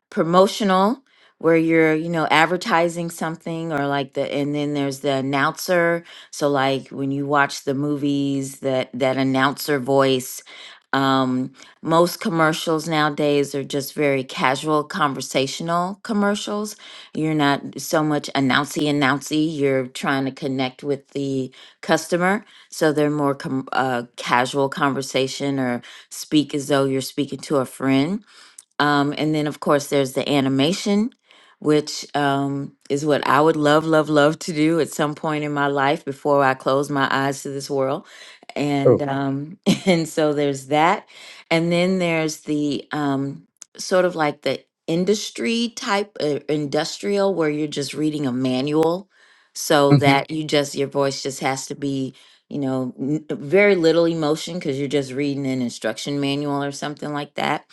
B: promotional where you're, you know, advertising something or like the and then there's the announcer. So like when you watch the movies, that that announcer voice um most commercials nowadays are just very casual conversational commercials you're not so much announcy announcy you're trying to connect with the customer so they're more com- uh, casual conversation or speak as though you're speaking to a friend um, and then, of course, there's the animation, which um, is what I would love, love, love to do at some point in my life before I close my eyes to this world.
D: Oh,
B: And Right. um, and so there's that, and then there's the um, sort of like the industry type uh, industrial where you're just reading a manual, so Mhm.
D: mm-hmm,
B: that you just your voice just has to be you know n- very little emotion because you're just reading an instruction manual or something like that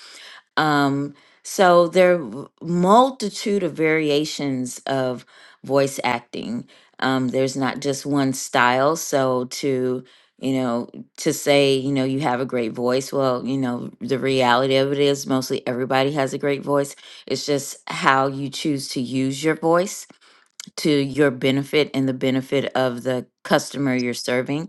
B: um, so there are multitude of variations of voice acting. Um, there's not just one style. So to you know to say you know you have a great voice, well you know the reality of it is mostly everybody has a great voice. It's just how you choose to use your voice to your benefit and the benefit of the customer you're serving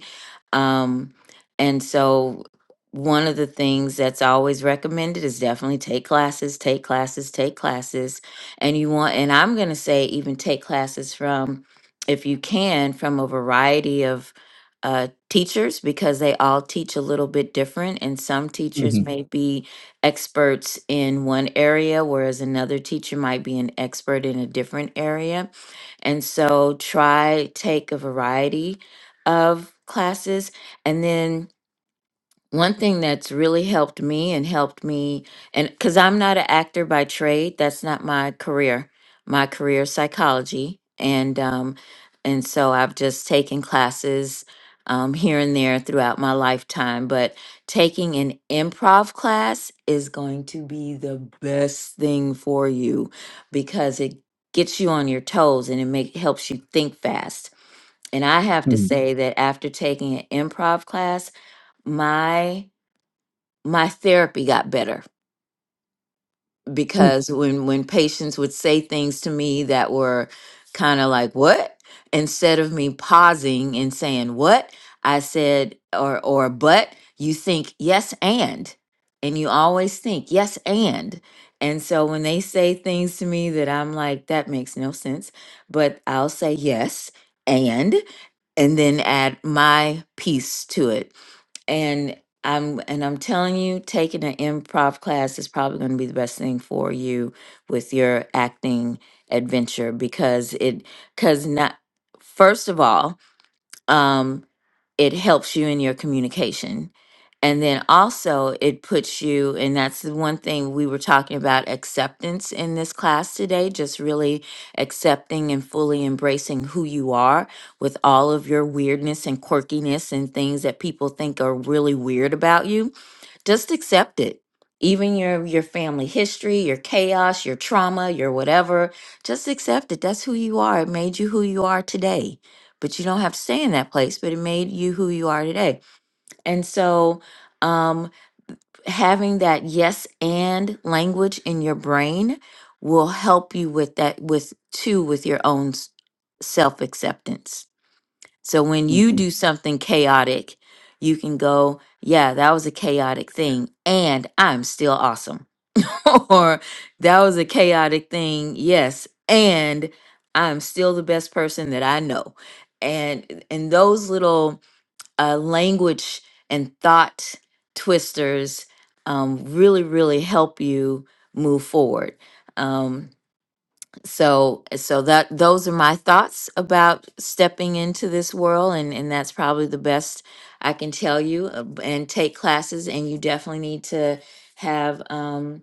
B: um, and so one of the things that's always recommended is definitely take classes, take classes, take classes. And you want, and I'm going to say even take classes from, if you can, from a variety of uh, teachers because they all teach a little bit different. And some teachers
D: mm-hmm,
B: Mhm. may be experts in one area, whereas another teacher might be an expert in a different area. And so try take a variety of classes. And then one thing that's really helped me and helped me, and because I'm not an actor by trade, that's not my career. My career is psychology, and um, and so I've just taken classes um, here and there throughout my lifetime. But taking an improv class is going to be the best thing for you because it gets you on your toes and it make helps you think fast and I have to
D: mm-hmm,
B: say that after taking an improv class, my my therapy got better because when when patients would say things to me that were kind of like what instead of me pausing and saying what I said or or but you think yes and and you always think yes and and so when they say things to me that I'm like that makes no sense but I'll say yes and and then add my piece to it. And I'm and I'm telling you, taking an improv class is probably going to be the best thing for you with your acting adventure because it because not first of all, um, it helps you in your communication. And then also, it puts you, and that's the one thing we were talking about acceptance in this class today, just really accepting and fully embracing who you are with all of your weirdness and quirkiness and things that people think are really weird about you just accept it even your your family history your chaos your trauma your whatever just accept it that's who you are it made you who you are today but you don't have to stay in that place but it made you who you are today and so um having that yes and language in your brain will help you with that with too with your own self acceptance so when you
D: mm-hmm.
B: do something chaotic, you can go, yeah, that was a chaotic thing, and I'm still awesome. or that was a chaotic thing, yes, and I'm still the best person that I know. And and those little uh, language and thought twisters um, really really help you move forward. Um, so so that those are my thoughts about stepping into this world and and that's probably the best i can tell you uh, b- and take classes and you definitely need to have um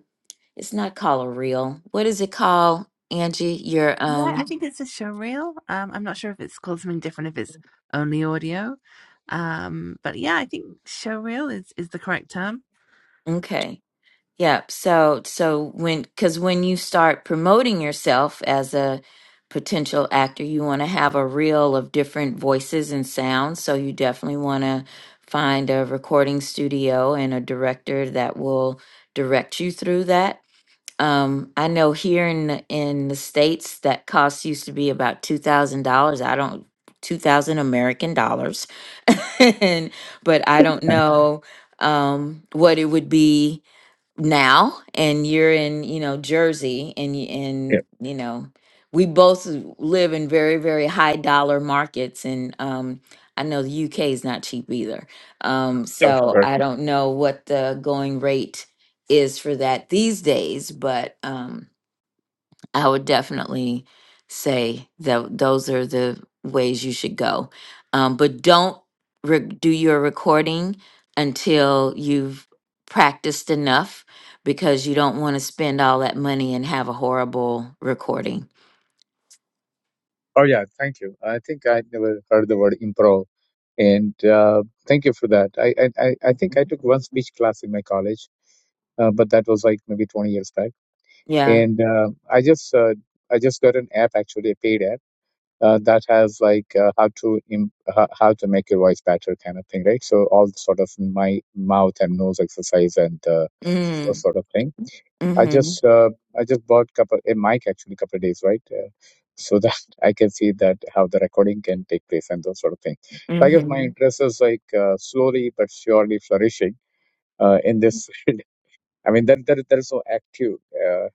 B: it's not called a reel what is it called angie your
C: I
B: um
C: think it's a showreel. Um, I'm not sure if it's called something different, if it's only audio. Um, but yeah, I think showreel is is the correct term
B: okay Yep. So, so when, because when you start promoting yourself as a potential actor, you want to have a reel of different voices and sounds. So, you definitely want to find a recording studio and a director that will direct you through that. Um, I know here in the, in the states that cost used to be about two thousand dollars. I don't two thousand American dollars, and but I don't Right. know um, what it would be now and you're in you know jersey and you
D: yeah,
B: and you know we both live in very very high dollar markets and um i know the uk is not cheap either um
D: of
B: so
D: course.
B: i don't know what the going rate is for that these days but um I would definitely say that those are the ways you should go. Um, but don't re- do your recording until you've practiced enough because you don't want to spend all that money and have a horrible recording.
D: Oh yeah, thank you. I think I never heard the word improv, and uh, thank you for that. I, I I I think I took one speech class in my college, uh, but that was like maybe 20 years back.
B: Yeah.
D: And uh, I just uh, I just got an app, actually a paid app, uh, that has like uh, how to im- how, how to make your voice better kind of thing, right? So all sort of my mouth and nose exercise and uh, those
B: Mm,
D: sort of thing I
B: mm-hmm.
D: just uh, I just bought couple a mic actually couple of days right, uh, so that I can see that how the recording can take place and those sort of things. So I guess my
B: Mm-hmm.
D: interest is like uh, slowly but surely flourishing uh, in this. I mean, there there, there is no active uh,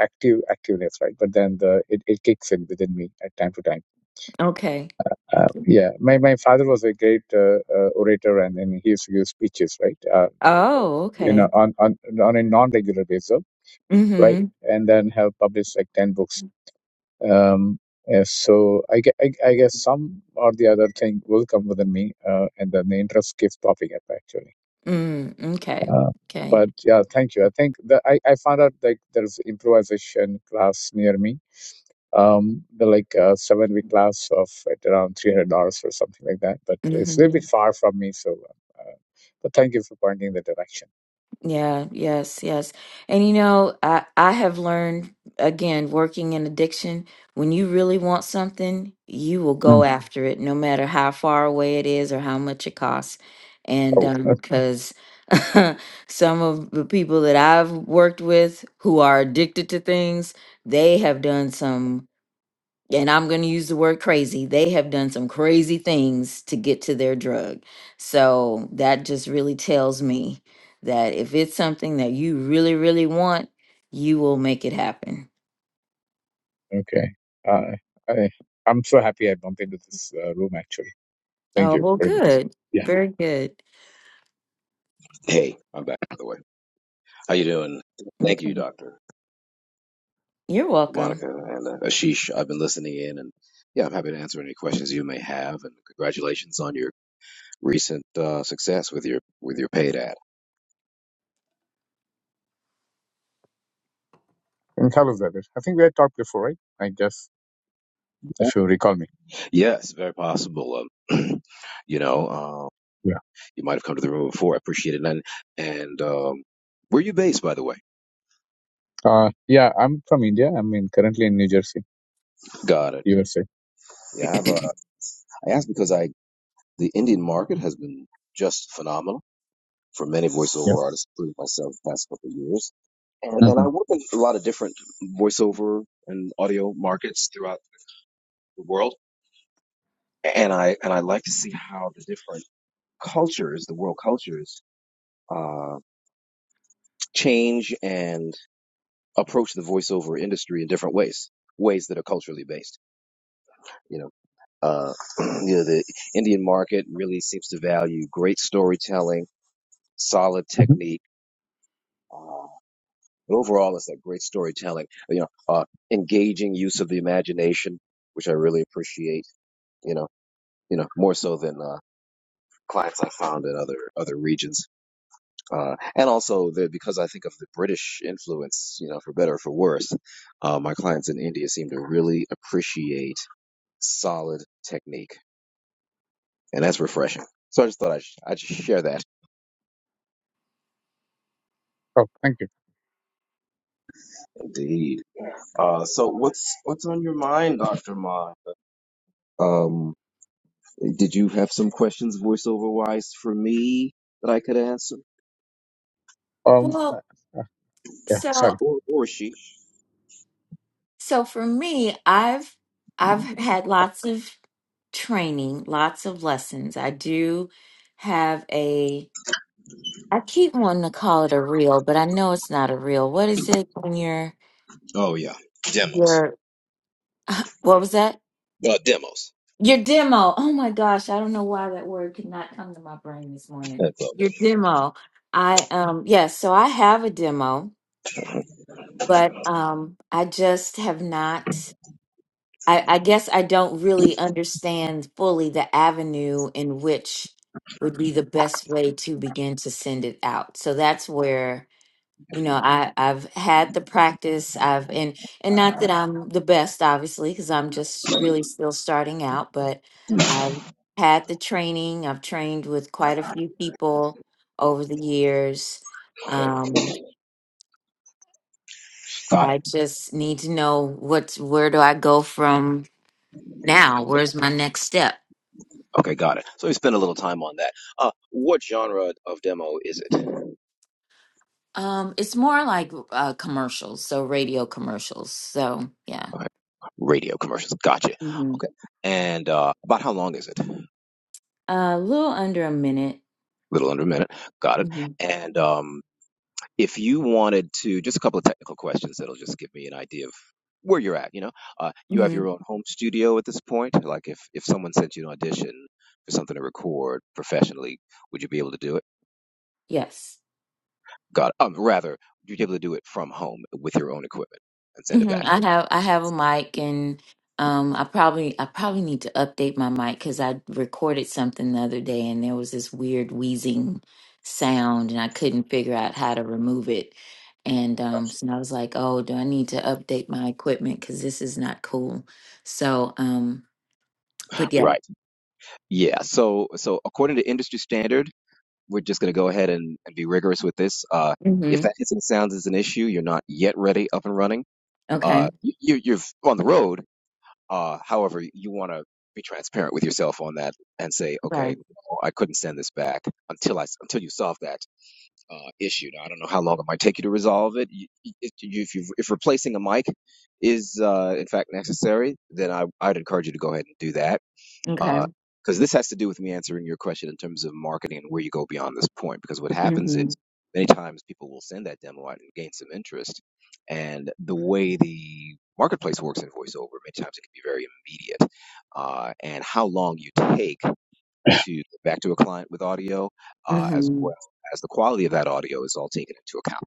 D: active activeness right, but then the it, it kicks in within me at time to time.
B: Okay.
D: Uh,
B: Okay.
D: yeah, my my father was a great uh, uh, orator, and, and he used to give speeches right, uh,
B: Oh,
D: you know,
B: okay.
D: on on on a non regular basis right,
B: Mm-hmm.
D: and then have published like ten books Um, uh, so I, gue- I, I guess some or the other thing will come within me, uh, and then the interest keeps popping up actually.
B: Mm, okay.
D: Uh,
B: Okay.
D: but yeah, thank you. I think that I, I found out like there's improvisation class near me. Um, the like uh, seven week class of at around three hundred dollars or something like that. But it's a little
B: Mm-hmm.
D: bit far from me, so. Uh, uh, but thank you for pointing the direction.
B: Yeah, yes, yes. And you know, I I have learned again working in addiction, when you really want something, you will go
D: Mm.
B: after it no matter how far away it is or how much it costs. And
D: Oh,
B: um because some of the people that I've worked with who are addicted to things, they have done some and I'm going to use the word crazy, they have done some crazy things to get to their drug. So that just really tells me that if it's something that you really, really want, you will make it happen.
D: okay. Uh, I, I'm so happy I bumped into this uh, room actually. Thank
B: Oh,
D: you
B: well,
D: very much.
B: good.
D: Yeah.
B: Very good.
A: Hey, I'm back by the way. How you doing? Thank you,
B: Okay.
A: Doctor
B: You're welcome.
A: Monica and uh, Ashish. I've been listening in, and yeah, I'm happy to answer any questions you may have. And congratulations on your recent uh, success with your with your paid ad.
D: in Khalilzadeh. I think we had talked before, right? I guess if you recall me.
A: Yes, very possible. Um, you know, uh,
D: Yeah.
A: you might have come to the room before. I appreciate it. And, and um, where are you based, by the way?
D: Uh, yeah, I'm from India. I'm in, currently in New Jersey,
A: Got it.
D: USA.
A: Yeah, I've uh, I asked because I The Indian market has been just phenomenal for many
D: Yeah.
A: voiceover artists, including myself, the past couple of years. And,
D: hmm
A: and I work in a lot of different voiceover and audio markets throughout the world. And I, and I like to see how the different cultures, the world cultures, uh, change and approach the voiceover industry in different ways, ways that are culturally based. You know, uh, you know, the Indian market really seems to value great storytelling, solid
D: hmm
A: technique. uh, But overall, it's that great storytelling, you know, uh, engaging use of the imagination, which I really appreciate, you know, you know, more so than, uh, clients I found in other, other regions. Uh, and also the, because I think of the British influence, you know, for better or for worse, uh, my clients in India seem to really appreciate solid technique and that's refreshing. So I just thought I sh- I just share that.
D: Oh, thank you.
A: Indeed. Uh, so what's what's on your mind, Doctor Ma? Um, Did you have some questions, voiceover wise, for me that I could answer,
D: Um, uh,
B: Well,
D: uh, yeah,
B: so
D: sorry.
A: or or she?
B: so for me, I've I've had lots of training, lots of lessons. I do have a I keep wanting to call it a reel, but I know it's not a reel. What is it when your
A: Oh yeah, demos.
B: your what was that?
A: Uh, demos.
B: Your demo. Oh my gosh, I don't know why that word could not come to my brain this morning.
A: That's all good.
B: Your demo. I um yes, so I have a demo, but um I just have not I, I guess I don't really understand fully the avenue in which would be the best way to begin to send it out. So that's where you know i i've had the practice i've and and not that i'm the best obviously because i'm just really still starting out but i've Mhm. had the training i've trained with quite a few people over the years um
A: Got it.
B: i just need to know what's where do i go from now where's my next step
A: Okay, got it. So we spent a little time on that. Uh, what genre of demo is it? Okay.
B: um it's more like uh commercials so radio commercials so yeah
A: Radio commercials. Gotcha.
B: hmm
A: Okay. And uh, about how long is it? A
B: a little under a minute
A: little under a minute. Got it.
B: hmm
A: And um, if you wanted to, just a couple of technical questions that'll just give me an idea of where you're at. You know, uh, you have
B: hmm
A: your own home studio at this point. Like if if someone sent you an audition for something to record professionally, would you be able to do it?
B: yes
A: God, um, rather, would you be able to do it from home with your own equipment and send it
B: hmm
A: back?
B: I have I have a mic and um I probably I probably need to update my mic because I recorded something the other day and there was this weird wheezing sound and I couldn't figure out how to remove it. And um
A: Gotcha.
B: so I was like, oh, do I need to update my equipment because this is not cool. So um but yeah.
A: Right. Yeah. So so according to industry standard, we're just going to go ahead and, and be rigorous with this. Uh, if
B: Mm-hmm.
A: that hits sounds is an issue, you're not yet ready, up and running. Uh,
B: Okay.
A: you, you're on the road, Uh, however, you want to be transparent with yourself on that and say, okay,
B: Right.
A: no, I couldn't send this back until I until you solve that uh, issue. Now, I don't know how long it might take you to resolve it. You- you- If you if, you if replacing a mic is uh, in fact necessary, then I I'd encourage you to go ahead and do that
B: Okay.
A: uh, because this has to do with me answering your question in terms of marketing and where you go beyond this point. Because what happens is
B: Mm-hmm.
A: many times people will send that demo out and gain some interest, and the way the marketplace works in voiceover, many times it can be very immediate. Uh, and how long you take to get back to a client with audio, uh, as
B: Mm-hmm.
A: well as the quality of that audio, is all taken into account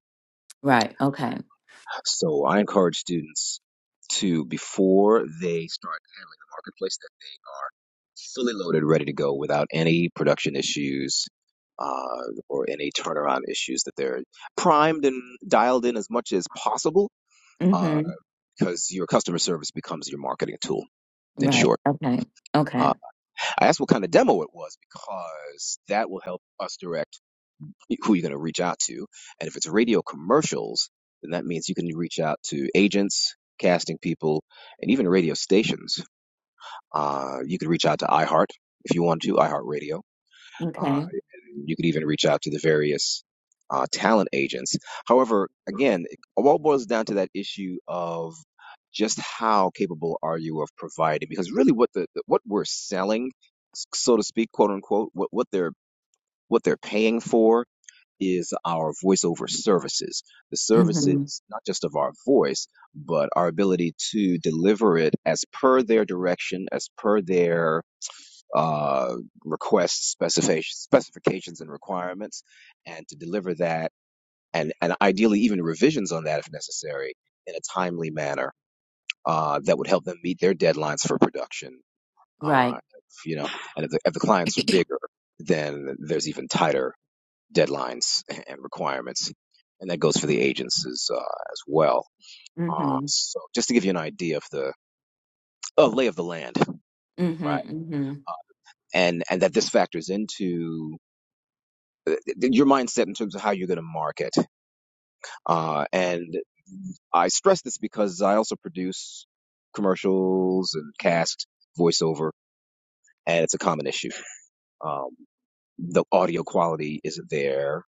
B: Right. Okay.
A: so I encourage students to, before they start handling the marketplace, that they are fully loaded, ready to go without any production issues uh, or any turnaround issues, that they're primed and dialed in as much as possible uh,
B: Mm-hmm.
A: because your customer service becomes your marketing tool, in
B: Right.
A: short.
B: Okay. Okay.
A: Uh, I asked what kind of demo it was because that will help us direct who you're going to reach out to. And if it's radio commercials, then that means you can reach out to agents, casting people, and even radio stations. Uh, you could reach out to iHeart if you want to, iHeartRadio. Uh,
B: Okay.
A: and you could even reach out to the various uh, talent agents. However, again, it all boils down to that issue of just how capable are you of providing? Because really, what the what we're selling, so to speak, quote unquote, what what they're what they're paying for is our voiceover services. The
B: Mm-hmm.
A: services, not just of our voice, but our ability to deliver it as per their direction, as per their uh, requests, specifications, specifications, and requirements, and to deliver that, and, and ideally even revisions on that if necessary, in a timely manner uh, that would help them meet their deadlines for production.
B: Right.
A: Uh, you know, and if the, if the clients are bigger, then there's even tighter deadlines and requirements, and that goes for the agents as, uh, as well. Uh,
B: Mm-hmm.
A: so just to give you an idea of the uh, lay of the land,
B: Mm-hmm.
A: right?
B: Mm-hmm.
A: Uh, and and that this factors into uh, your mindset in terms of how you're going to market. Uh, and I stress this because I also produce commercials and cast voiceover, and it's a common issue. Um, the audio quality isn't there.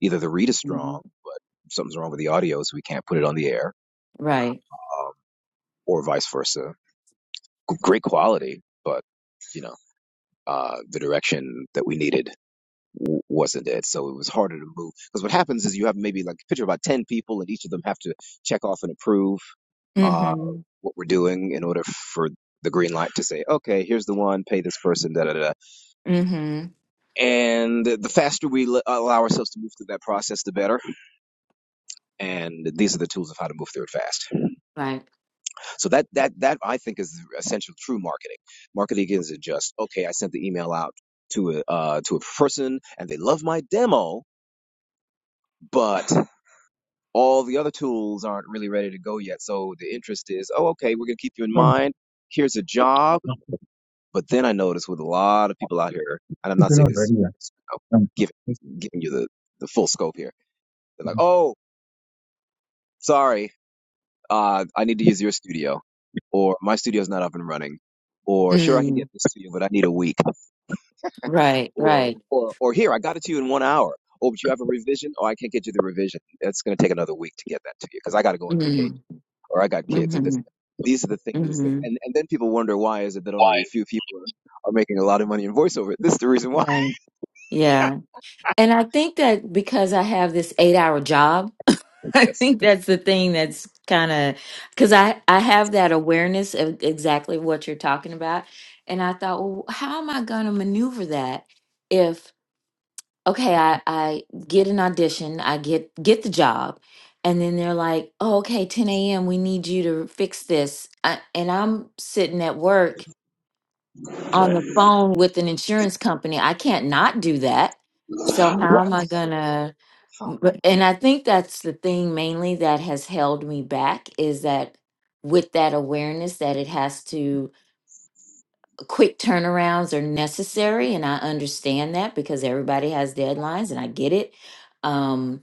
A: Either the read is
B: hmm
A: strong, but something's wrong with the audio, so we can't put it on the air
B: Right.
A: Uh, or vice versa. great quality, but you know, uh, the direction that we needed w- wasn't it. So it was harder to move because what happens is you have maybe like picture about ten people, and each of them have to check off and approve uh,
B: Mm-hmm.
A: what we're doing in order for the green light to say, okay, here's the one, pay this person, da da da. da.
B: Mm-hmm.
A: And the faster we l- allow ourselves to move through that process, the better. And these are the tools of how to move through it fast.
B: Right.
A: So that that that I think is essential true marketing. Marketing isn't just okay. I sent the email out to a uh, to a person and they love my demo, but all the other tools aren't really ready to go yet. So the interest is oh okay, we're gonna keep you in
D: No, no,
A: mind. Here's a job,
D: no.
A: but then I notice with a lot of people out here, and I'm
D: If
A: not
D: you're
A: saying
D: not
A: this,
D: ready, yeah.
A: you know,
D: No, no.
A: giving giving you the the full scope here. They're like oh sorry. uh, I need to use your studio, or my studio's not up and running, or sure I can get
B: Mm.
A: this to you, but I need a week,
B: Right.
A: or
B: Right.
A: or or here I got it to you in one hour. Oh, but you have a revision. Oh, I can't get you the revision. It's going to take another week to get that to you because I got to go on vacation,
B: Mm.
A: or I got kids, or this.
B: Mm-hmm.
A: These are the things that,
B: Mm-hmm.
A: and and then people wonder why is it that only a few people are, are making a lot of money in voiceover. This is the reason why.
B: Right. Yeah. And I think that because I have this eight hour job, I
A: Yes.
B: think that's the thing that's kind of because I, I have that awareness of exactly what you're talking about. And I thought, well, how am I going to maneuver that? okay, I, I get an audition, I get get the job, and then they're like, oh, okay, 10 a.m. We need you to fix this, I, and I'm sitting at work on the phone with an insurance company. I can't not do that. So how am
A: Right.
B: I
A: So,
B: gonna?
A: huh.
B: but- And I think that's the thing mainly that has held me back is that with that awareness that it has to quick turnarounds are necessary and i understand that because everybody has deadlines and i get it um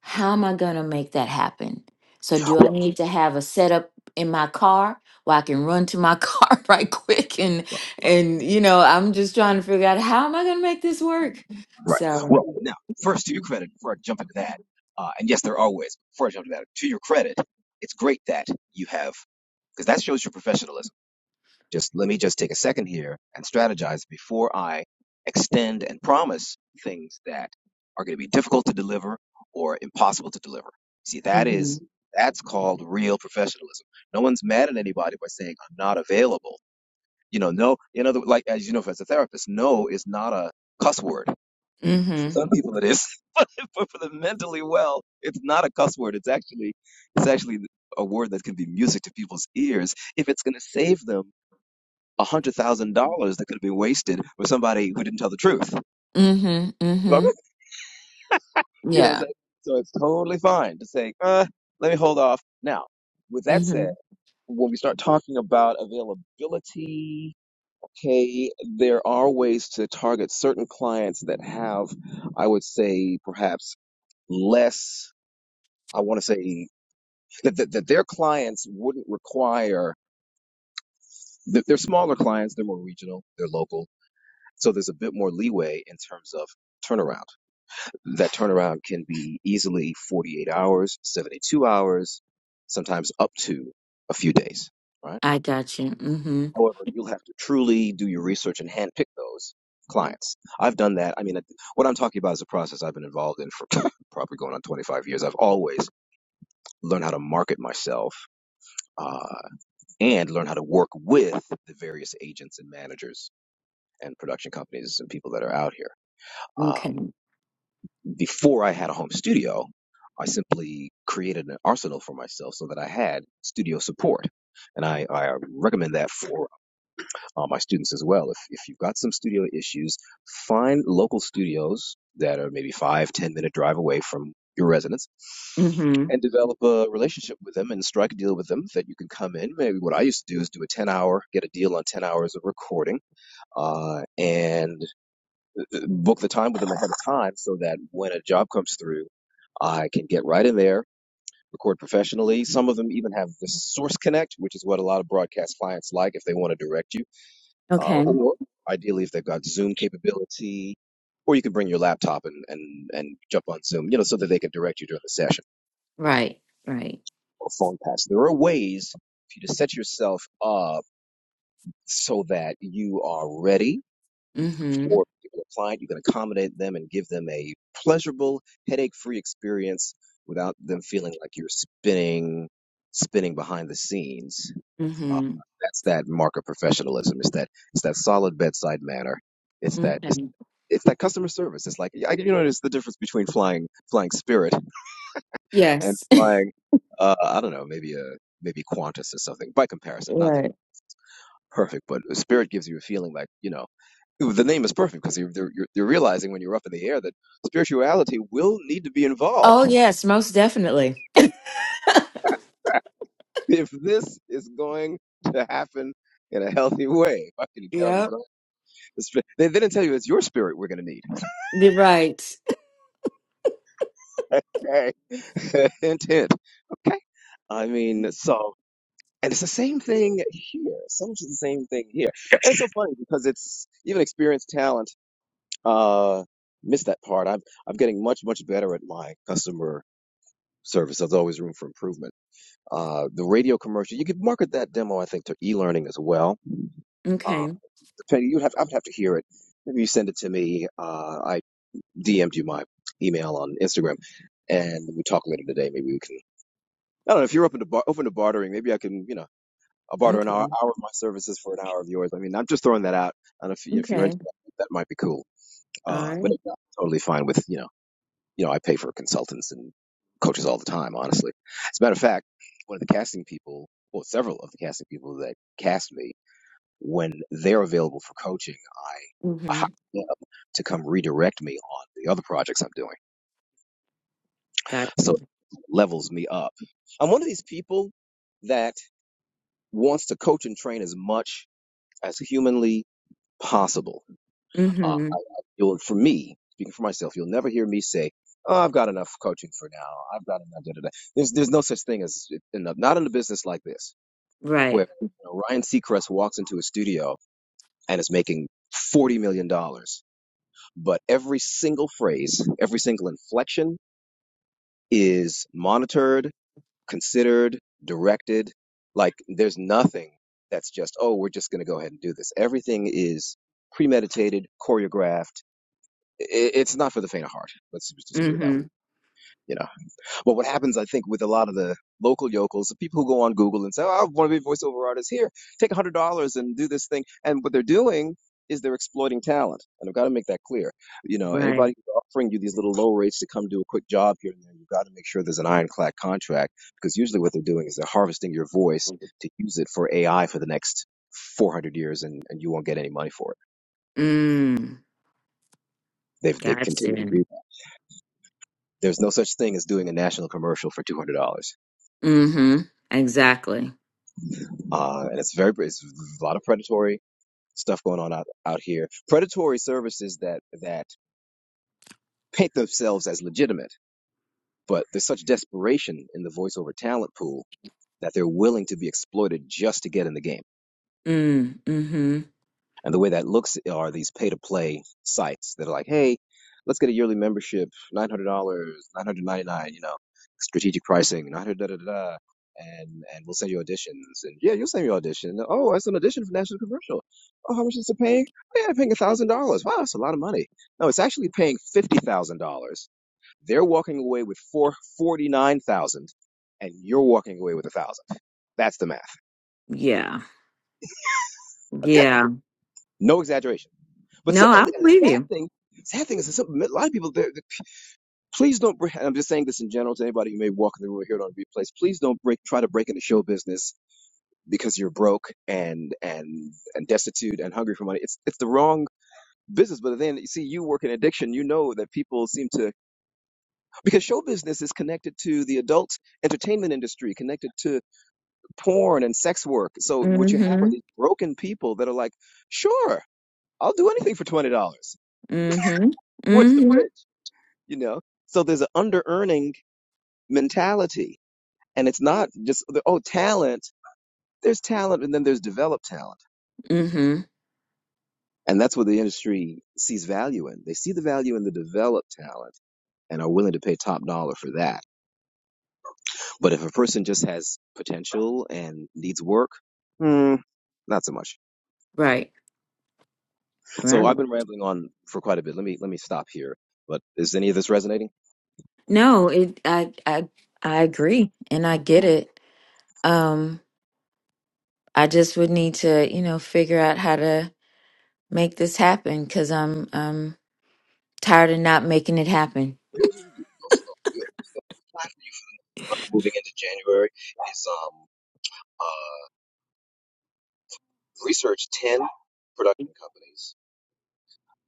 B: how am i going to make that happen so
A: Well,
B: do i need to have a setup in my car where i can run to my car right quick and and you know i'm just trying to figure out how am i going to make this work
A: Right.
B: so
A: Well, now, first, to your
B: Mm-hmm.
A: credit, before I jump into that, uh, and yes, there are ways. Before I jump into that, to your credit, it's great that you have, because that shows your professionalism. Just let me just take a second here and strategize before I extend and promise things that are going to be difficult to deliver or impossible to deliver. See, that
B: Mm-hmm.
A: is that's called real professionalism. No one's mad at anybody by saying I'm not available. You know, no, you know, like as you know, as a therapist, no is not a cuss word
B: Mm-hmm.
A: for some people it is, but for the mentally well, it's not a cuss word. It's actually it's actually a word that can be music to people's ears if it's going to save them a hundred thousand dollars that could have been wasted with somebody who didn't tell the truth.
B: Mm-hmm.
A: You know, it's
B: Yeah.
A: like, so it's totally fine to say, uh, let me hold off. Now, with that said,
B: Mm-hmm.
A: when we start talking about availability, okay, there are ways to target certain clients that have, I would say, perhaps less. I want to say that, that that their clients wouldn't require that they're smaller clients, they're more regional, they're local, so there's a bit more leeway in terms of turnaround. That turnaround can be easily 48 hours, 72 hours, sometimes up to a few days, right?
B: I got you. Mm-hmm.
A: However, you'll have to truly do your research and handpick those clients. I've done that. I mean, what I'm talking about is a process I've been involved in for probably going on 25 years. I've always learned how to market myself uh, and learn how to work with the various agents and managers and production companies and people that are out here. Um,
B: Okay.
A: before I had a home studio, I simply created an arsenal for myself so that I had studio support. And I, I recommend that for uh, my students as well. If, if you've got some studio issues, find local studios that are maybe five, ten minute drive away from your residence
B: Mm-hmm.
A: and develop a relationship with them and strike a deal with them that you can come in. Maybe what I used to do is do a 10 hour, get a deal on 10 hours of recording, uh, and uh, uh, book the time with them ahead of time so that when a job comes through, I can get right in there, record professionally. Some of them even have the source connect, which is what a lot of broadcast clients like if they want to direct you uh,
B: Okay.
A: or ideally if they've got Zoom capability, or you could bring your laptop and, and, and jump on Zoom, you know, so that they can direct you during the session
B: Right. Right.
A: or phone pass. There are ways for you to set yourself up so that you are ready
B: Mm-hmm.
A: for people applying. You can accommodate them and give them a pleasurable, headache-free experience without them feeling like you're spinning, spinning behind the scenes. Uh,
B: Mm-hmm.
A: that's that mark of professionalism. It's that, it's that solid bedside manner. It's that it's.
B: Okay.
A: it's that customer service. It's like I, you know, it's the difference between flying flying Spirit and
B: Yes.
A: flying uh, I don't know, maybe a maybe Qantas or something by comparison. Nothing
B: Right.
A: perfect, but Spirit gives you a feeling like you know. The name is perfect because you're, you're, you're realizing when you're up in the air that spirituality will need to be involved
B: Oh, yes, most definitely.
A: if this is going to happen in a healthy way. If I can get on the
B: Yep,
A: ground, the spirit- they, they didn't tell you it's your spirit we're going to need.
B: you're right.
A: Okay, hint, hint. Okay, I mean, so. And it's the same thing here. So much of the same thing here. And it's so funny because it's even experienced talent uh missed that part. I'm I'm getting much, much better at my customer service. There's always room for improvement. Uh the radio commercial, you could market that demo, I think, to e learning as well. Uh
B: Okay,
A: depending you'd have I'd have to hear it. Maybe you send it to me. Uh I DM'd you my email on Instagram and we talk later today. Maybe we can I don't know if you're open to bar- open to bartering. Maybe I can, you know. I'll barter an hour,
B: okay,
A: hour of my services for an hour of yours. I mean, I'm just throwing that out. I don't know if, you- if you're into
B: okay.
A: that, that might be cool.
B: All
A: Uh,
B: right.
A: but if not, I'm totally fine with, you know, you know, I pay for consultants and coaches all the time, honestly. As a matter of fact, one of the casting people, well, several of the casting people that cast me, when they're available for coaching, I, I
B: Mm-hmm.
A: hire them to come redirect me on the other projects I'm doing.
B: Got you.
A: So it levels me up. I'm one of these people that wants to coach and train as much as humanly possible Uh,
B: Mm-hmm.
A: you'll, for me, speaking for myself, you'll never hear me say, "Oh, I've got enough coaching for now. I've got enough." Da, da, da. There's there's no such thing as enough. Not in a business like this,
B: Right.
A: where you know, Ryan Seacrest walks into a studio and is making forty million dollars, but every single phrase, every single inflection is monitored, considered, directed. Like there's nothing that's just, "Oh, we're just going to go ahead and do this." Everything is premeditated, choreographed it's not for the faint of heart. Let's just put it that
B: Mm-hmm.
A: way, you know. But what happens, I think, with a lot of the local yokels, the people who go on Google and say, oh, I want to be a voiceover artist here, take a $100 and do this thing. And what they're doing is they're exploiting talent. And I've got to make that clear. You know,
B: Right.
A: anybody who's offering you these little low rates to come do a quick job here and there, you've got to make sure there's an ironclad contract because usually what they're doing is they're harvesting your voice to use it for AI for the next 400 years and, and you won't get any money for it.
B: Mm,
A: They've, they continue to do
B: gotcha.
A: There's no such thing as doing a national commercial for $200.
B: Mm-hmm. Exactly.
A: Uh, and it's very, it's a lot of predatory stuff going on out, out here. Predatory services that, that paint themselves as legitimate, but there's such desperation in the voiceover talent pool that they're willing to be exploited just to get in the game.
B: Mm, mm-hmm.
A: And the way that looks are these pay to play sites that are like, hey, let's get a yearly membership, $900, 999 you know, strategic pricing, 900 da da da da. And, and we'll send you auditions. And yeah, you'll send me audition. Oh, it's an audition for National Commercial. Oh, how much is it paying? Oh, yeah, they're paying $1,000. Wow, that's a lot of money. No, it's actually paying $50,000. They're walking away with four forty nine thousand, and you're walking away with a 1000 That's the math.
B: Yeah.
A: Okay?
B: Yeah.
A: No exaggeration. But
B: No,
A: some,
B: I
A: and, and
B: believe
A: the sad
B: you.
A: thing, sad thing is that some, a lot of people, they're, they please don't break, and I'm just saying this in general to anybody who may walk in the room or hear it on replays, please don't break, try to break into show business because you're broke and, and, and destitute and hungry for money. It's, it's the wrong business. But then you see, you work in addiction, you know that people seem to, because show business is connected to the adult entertainment industry, connected to porn and sex work. So what you have are
B: Mm-hmm.
A: these broken people that are like, sure, I'll do anything for $20.
B: Mm-hmm.
A: Where's the
B: Mm-hmm.
A: bridge? you know so there's an under earning mentality and it's not just oh talent there's talent and then there's developed talent
B: Mm-hmm.
A: and that's what the industry sees value in they see the value in the developed talent and are willing to pay top dollar for that but if a person just has potential and needs work hmm, not so much
B: Right.
A: so
B: Right.
A: i've been rambling on for quite a bit let me let me stop here but is any of this resonating
B: No, it I I I agree and I get it. Um I just would need to, you know, figure out how to make this happen because I'm um tired of not making it happen.
A: There was also the platform moving into January is um uh research ten production companies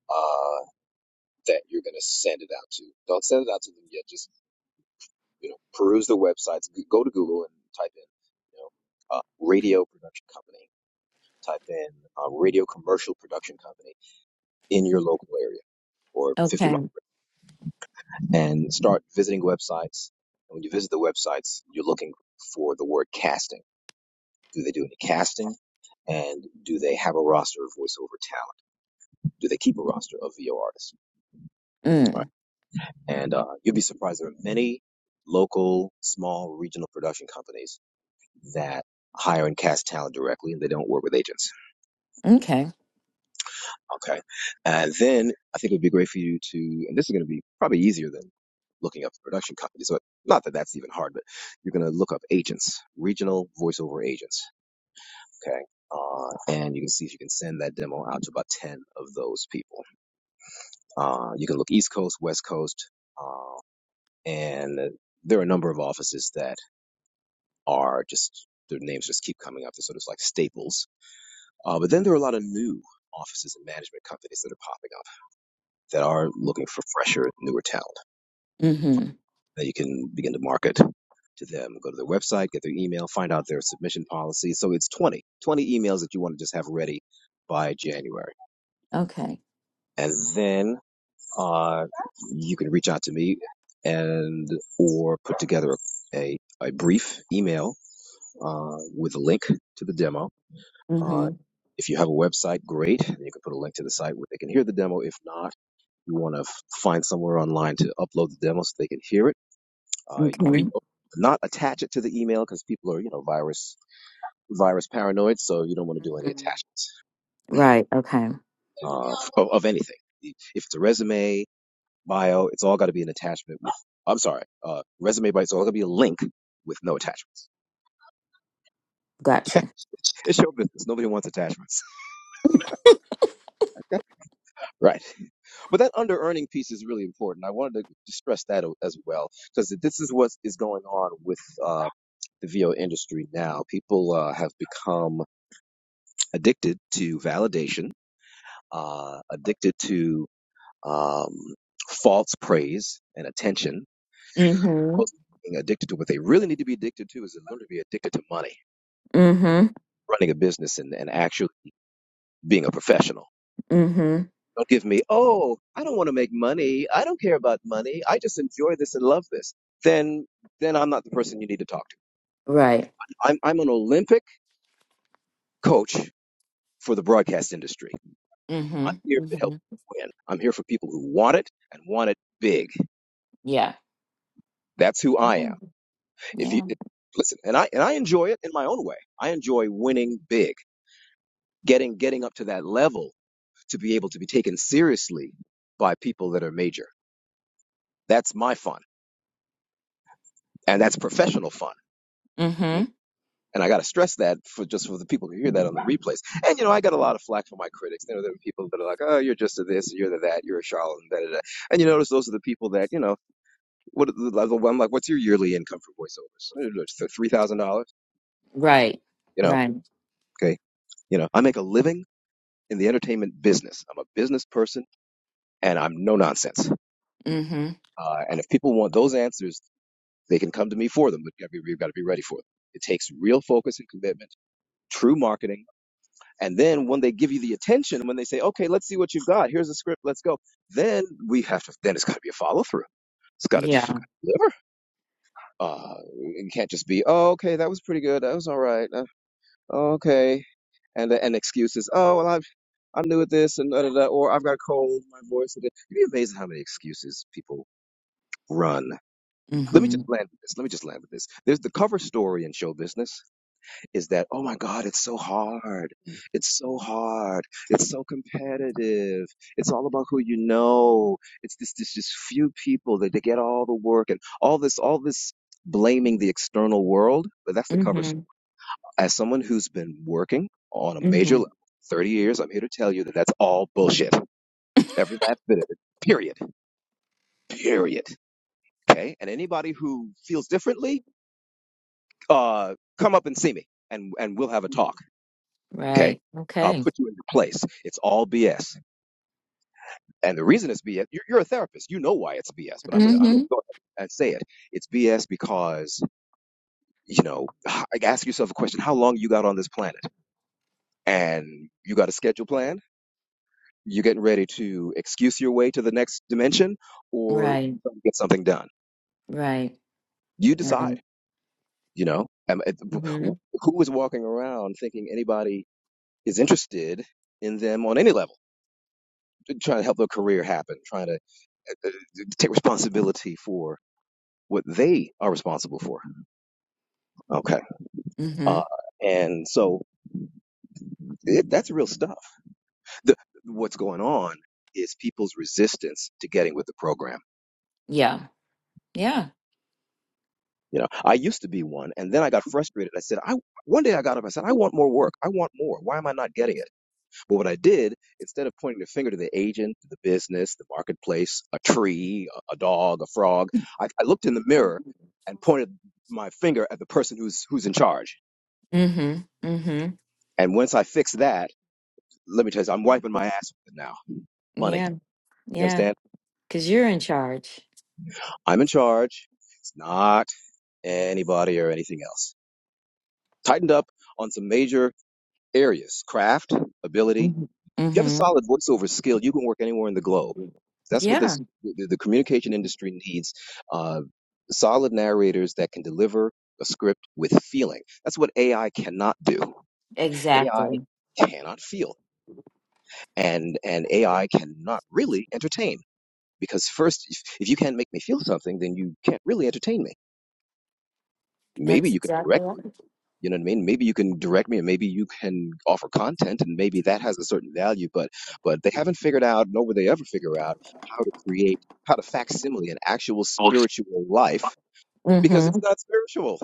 A: uh that you're gonna send it out to. Don't send it out to them yet. Just You know, peruse the websites. G- Go to Google and type in, you know, uh, radio production company. Type in uh, radio commercial production company in your local area or 50 miles,
B: Okay.
A: and start visiting websites. And when you visit the websites, you're looking for the word casting. Do they do any casting? And do they have a roster of voiceover talent? Do they keep a roster of VO artists? Right.
B: Mm.
A: And uh, you'd be surprised. There are many local, small, regional production companies that hire and cast talent directly and they don't work with agents.
B: Okay.
A: Okay. And then I think it would be great for you to, and this is going to be probably easier than looking up the production companies, but not that that's even hard, but you're going to look up agents, regional voiceover agents. Okay. Uh, and you can see if you can send that demo out to about 10 of those people. Uh, you can look East Coast, West Coast, uh, and there are a number of offices that are just, their names just keep coming up. They're sort of like staples Uh, but then there are a lot of new offices and management companies that are popping up that are looking for fresher, newer talent
B: Mm-hmm.
A: that you can begin to market to them. Go to their website, get their email, find out their submission policy. So it's 20, 20 emails that you want to just have ready by January.
B: Okay.
A: And then uh, you can reach out to me and or put together a, a brief email uh, with a link to the demo. Uh,
B: Mm-hmm.
A: if you have a website, great. You can put a link to the site where they can hear the demo. If not, You want to f- find somewhere online to upload the demo so they can hear it. Uh, you want
B: Okay.
A: to not attach it to the email because people are, you know, virus virus paranoid, so you don't want to do any
B: Mm-hmm.
A: attachments
B: Right. Okay.
A: uh, of, of anything. If it's a resume, bio, it's all got to be an attachment. With, I'm sorry, uh, resume bio, it's all got to be a link with no attachments.
B: Gotcha.
A: it's show business. Nobody wants attachments, right? But that under earning piece is really important. I wanted to stress that o- as well because this is what is going on with. uh, the VO industry now. People uh, have become addicted to validation, uh, addicted to um, false praise and attention.
B: Mm-hmm.
A: Being addicted to what they really need to be addicted to is they learn to be addicted to money and
B: Mm-hmm.
A: running a business and, and actually being a professional.
B: Mm-hmm.
A: Don't give me, oh, I don't want to make money. I don't care about money. I just enjoy this and love this. Then, then I'm not the person you need to talk to.
B: Right.
A: I'm, I'm an Olympic coach for the broadcast industry
B: Mm-hmm.
A: I'm here to
B: Mm-hmm.
A: help you win. I'm here for people who want it and want it big.
B: Yeah.
A: That's who I
B: Yeah.
A: am. If you
B: Yeah.
A: listen, and I and I enjoy it in my own way. I enjoy winning big, getting getting up to that level to be able to be taken seriously by people that are major. That's my fun, and that's professional fun. You know?
B: Mm-hmm.
A: And I got to stress that for just for the people who hear that on the replays. And you know, I got a lot of flack from my critics. You know, there are people that are like, "Oh, you're just a this, you're the that, you're a charlatan." Da, da, da. And you notice those are the people that you know. What the level? I'm like, what's your yearly income from voiceovers? Uh, like, so Three thousand dollars.
B: Right.
A: You know,
B: Right.
A: okay. You know, I make a living in the entertainment business. I'm a business person, and I'm no nonsense.
B: Mm-hmm.
A: Uh, and if people want those answers, they can come to me for them. But you've got to be you've gotta be ready for them. It takes real focus and commitment, true marketing, and then when they give you the attention, when they say, "Okay, let's see what you've got. Here's the script. Let's go," then we have to. Then it's got to be a follow through. It's got to
B: Yeah.
A: deliver. Uh, it can't just be, "Oh, okay, that was pretty good. That was all right." Uh, okay. And and excuses. Oh well, I'm I'm new at this and da da da. Or I've got a cold. My voice. It'd be amazing how many excuses people run. Let me
B: Mm-hmm.
A: just land with this. Let me just land with this. There's the cover story in show business is that oh my god, it's so hard. It's so hard. It's so competitive. It's all about who you know. It's this this just few people that they get all the work and all this all this blaming the external world. But that's the cover story
B: Mm-hmm.
A: as someone who's been working on a major
B: Mm-hmm.
A: level 30 years, I'm here to tell you that that's all bullshit. Every last bit of it. Period. Period. Okay? And anybody who feels differently, uh, come up and see me and, and we'll have a talk. Okay?
B: Right.
A: I'll
B: Okay.
A: put you in your place. It's all BS. And the reason it's BS, you're, you're a therapist. You know why it's BS, but I'm going to, I'm going to
B: Mm-hmm.
A: go ahead and say it. It's BS because, you know, ask yourself a question. How long you got on this planet? And you got a schedule plan? you're getting ready to excuse your way to the next dimension or
B: Right.
A: trying to get something done.
B: Right.
A: You
B: Right.
A: decide, you know, Um, it- wh-
B: Mhm.
A: who is walking around thinking anybody is interested in them on any level, trying to help their career happen, trying to uh, take responsibility for what they are responsible for. Okay. Uh,
B: Mhm.
A: and so it, that's real stuff. The, what's going on is people's resistance to getting with the program
B: Yeah. Yeah.
A: You know, I used to be one, and then I got frustrated. I said, I one day I got up. I said, I want more work. I want more. Why am I not getting it? But what I did, instead of pointing the finger to the agent, the business, the marketplace, a tree, a, a dog, a frog, I, I looked in the mirror and pointed my finger at the person who's who's in charge.
B: Mhm. Mhm.
A: And once I fixed that, let me tell you, I'm wiping my ass with it now. Money.
B: Yeah.
A: You
B: Yeah.
A: understand?
B: Cuz you're in charge.
A: I'm in charge. It's not anybody or anything else. Tightened up on some major areas: craft, ability
B: Mhm.
A: you have a
B: Mhm.
A: solid voiceover skill, you can work anywhere in the globe. That's what
B: Yeah.
A: this the, the communication industry needs. Uh, solid narrators that can deliver a script with feeling. That's what AI cannot do. AI
B: Exactly.
A: cannot feel, and and AI cannot really entertain because first, if, if you can't make me feel something, then you can't really entertain me. Maybe
B: That's
A: you can
B: exactly
A: direct me
B: right.
A: You know what I mean? Maybe you can direct me, and maybe you can offer content, and maybe that has a certain value. But but they haven't figured out, nor will they ever figure out, how to create, how to facsimile an actual spiritual life because it's
B: Mhm.
A: not spiritual;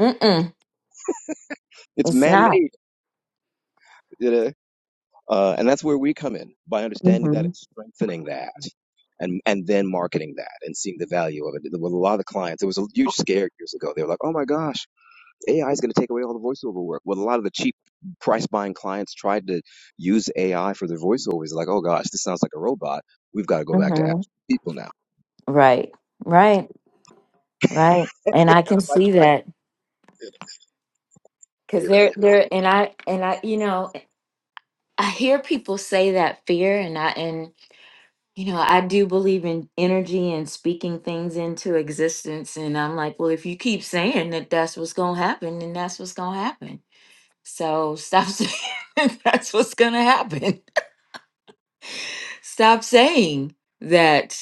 B: Mm-mm.
A: it's
B: It's not.
A: man-made. You know? Uh, and that's where we come in by understanding that and
B: Mhm.
A: strengthening that. And, and then marketing that and seeing the value of it. With a lot of the clients, it was a huge scare years ago. They were like, "Oh my gosh, AI is going to take away all the voiceover work. What a lot of the cheap price buying clients tried to use AI for their voiceovers, like, oh gosh, this sounds like a robot. We've got to go back to
B: Mhm.
A: actual people now.
B: Right. Right. Right. And I
A: And
B: can
A: I'm like,
B: see that cuz
A: you
B: they're they're and I and I you know I hear people say that fear and I and You know, I do believe in energy and speaking things into existence. And I'm like, well, if you keep saying that that's what's going to happen, then that's what's going to happen. So stop saying that's what's going to happen. Stop saying that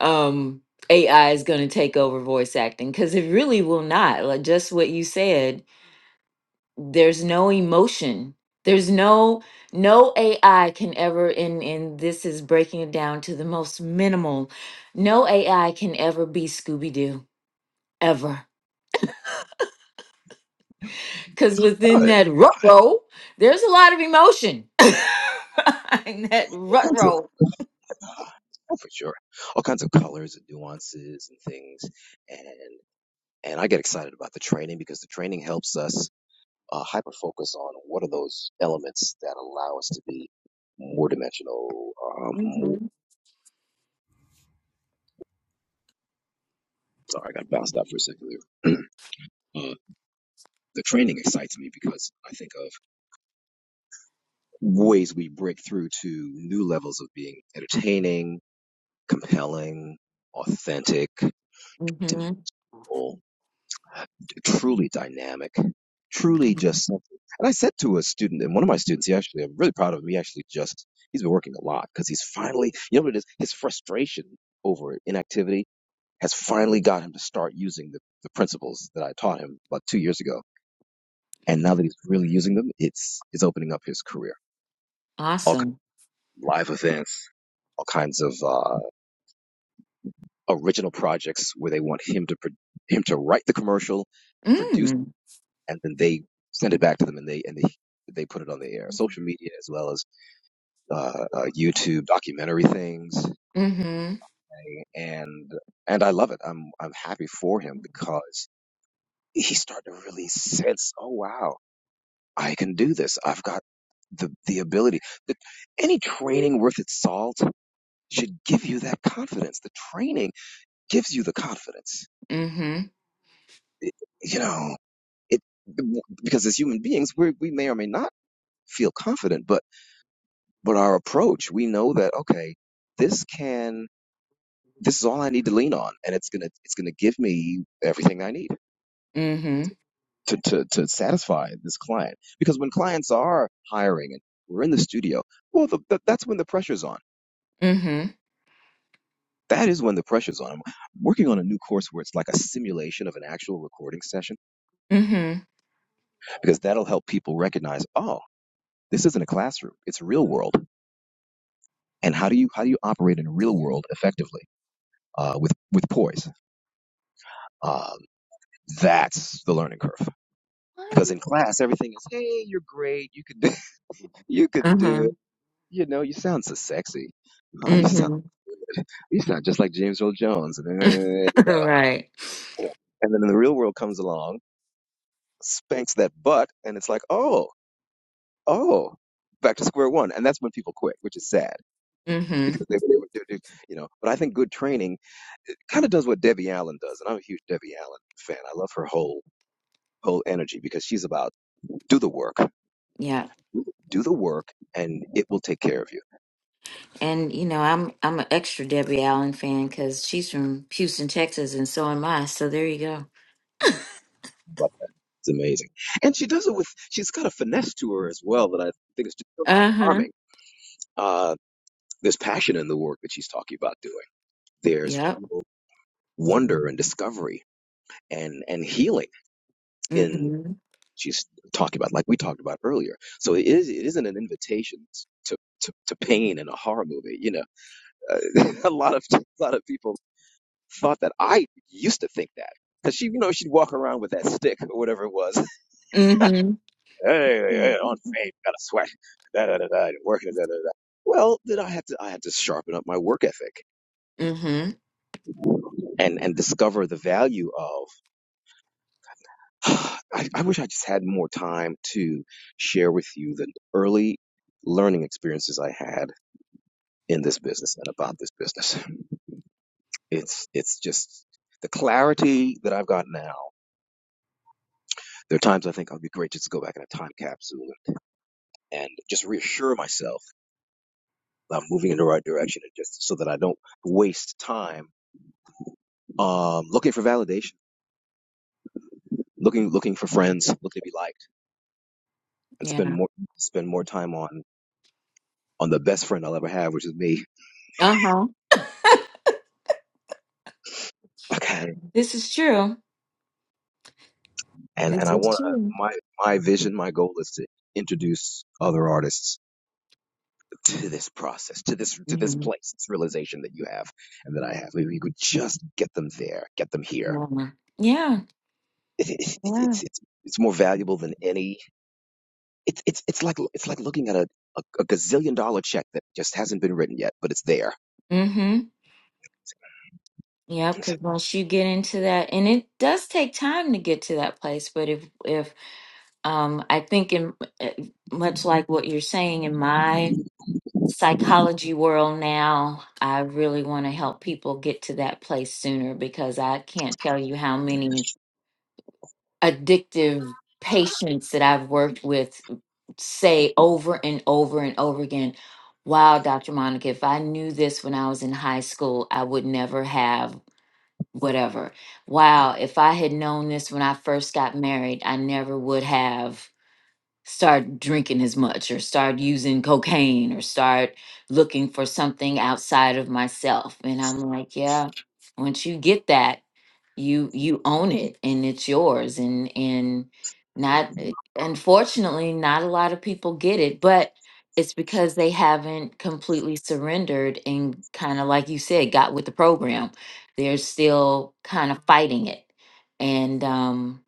B: um, AI is going to take over voice acting because it really will not. Like just what you said, there's no emotion there's no no ai can ever and and this is breaking it down to the most minimal no ai can ever be scooby-doo ever because
A: know,
B: within that rut row there's a lot of emotion in that
A: all
B: rut
A: kinds of,
B: row
A: ah, oh, for sure, all kinds of colors and nuances and things. And and I get excited about the training because the training helps us uh, hyper focus on what are those elements that allow us to be more dimensional. Um, more,
B: Mhm,
A: sorry, I got bounced out for a second there. uh, the training excites me because I think of ways we break through to new levels of being entertaining, compelling, authentic,
B: mhm.
A: demeanable, truly dynamic, truly just something. And I said to a student, and one of my students, he actually, I'm really proud of him. He actually just, he's been working a lot because he's finally, you know what it is? His frustration over inactivity has finally got him to start using the, the principles that I taught him about two years ago. And now that he's really using them, it's, it's opening up his career All
B: awesome
A: live events, all kinds of uh, original projects where they want him to pro- him to write the commercial, produce,
B: mm.
A: and then they send it back to them, and they and they they put it on the air, social media as well as uh, uh, YouTube documentary things,
B: mm-hmm
A: and and I love it. I'm I'm happy for him because he's starting to really sense, oh wow, I can do this. I've got the the ability. The, any training worth its salt should give you that confidence. The training gives you the confidence.
B: mm-hmm
A: It- you know, it because as human beings, we we may or may not feel confident, but but our approach, we know that okay, this can this is all I need to lean on, and it's gonna it's gonna give me everything I need
B: mm-hmm
A: to to to satisfy this client. Because when clients are hiring and we're in the studio, well, the, the, that's when the pressure's on.
B: mm-hmm
A: That is when the pressure's on. I'm working on a new course where it's like a simulation of an actual recording session
B: mm-hmm
A: because that'll help people recognize, oh. This isn't a classroom; it's real world. And how do you how do you operate in a real world effectively uh, with with poise? Um, that's the learning curve. Because in class, everything is, hey, you're great. You could do, you could do
B: mm-hmm
A: it. You know, you sound so sexy. Oh, you sound
B: mm-hmm
A: you sound just like James Earl Jones. And then
B: right
A: and then the real world comes along, spanks that butt, and it's like, oh, oh, back to square one. And that's when people quit, which is sad
B: mm-hmm
A: because they were able to do, you know. But I think good training kind of does what Debbie Allen does, and I'm a huge Debbie Allen fan. I love her whole whole energy because she's about do the work,
B: yeah
A: do the work, and it will take care of you.
B: And you know, I'm I'm an extra Debbie Allen fan because she's from Houston, Texas, and so am I. So there you go.
A: But it's amazing, and she does it with she's got a finesse to her as well that I think is just so
B: Uh huh.
A: charming. Uh, there's passion in the work that she's talking about doing. There's
B: Yep.
A: real wonder and discovery and and healing
B: Mm
A: in.
B: hmm.
A: she's talking about, like we talked about earlier. So it is it isn't an invitation to to, to pain in a horror movie. You know, uh, a lot of a lot of people thought that I used to think that because she, you know, she'd walk around with that stick or whatever it was.
B: Mm
A: Hey, hey, on
B: hmm.
A: fame, gotta sweat. Da da da da. Working da da da. Well, then I had to I had to sharpen up my work ethic
B: Mm hmm.
A: and and discover the value of. I, I wish I just had more time to share with you the early learning experiences I had in this business and about this business. It's it's just the clarity that I've got now. There are times I think I'll be great just to go back in a time capsule and just reassure myself that I'm moving in the right direction, and just so that I don't waste time um, looking for validation, looking looking for friends, looking to be liked, and spend
B: Yeah.
A: more spend more time on on the best friend I'll ever have, which is me.
B: Uh huh.
A: Okay,
B: This is true.
A: and
B: This
A: and I
B: is
A: want to
B: true.
A: my my vision, my goal is to introduce other artists to this process, to this to this
B: Mm
A: place, this realization that you have and that I have. Maybe you could just get them there, get them here.
B: hmm. Yeah.
A: It, it, it,
B: Yeah.
A: it's it's it's more valuable than any. It's it's it's like it's like looking at a, a a gazillion dollar check that just hasn't been written yet, but it's there.
B: Mm hmm. Yep. Because once you get into that, and it does take time to get to that place, but if if um, I think in uh, much like what you're saying in my psychology world now. I really want to help people get to that place sooner because I can't tell you how many addictive patients that I've worked with say over and over and over again, Wow, Dr. Monica, if I knew this when I was in high school, I would never have whatever. Wow, if I had known this when I first got married, I never would have start drinking as much or start using cocaine or start looking for something outside of myself and i'm like yeah once you get that you you own it and it's yours and and not uh, unfortunately not a lot of people get it but it's because they haven't completely surrendered and kind of like you said got with the program they're still kind of fighting it and um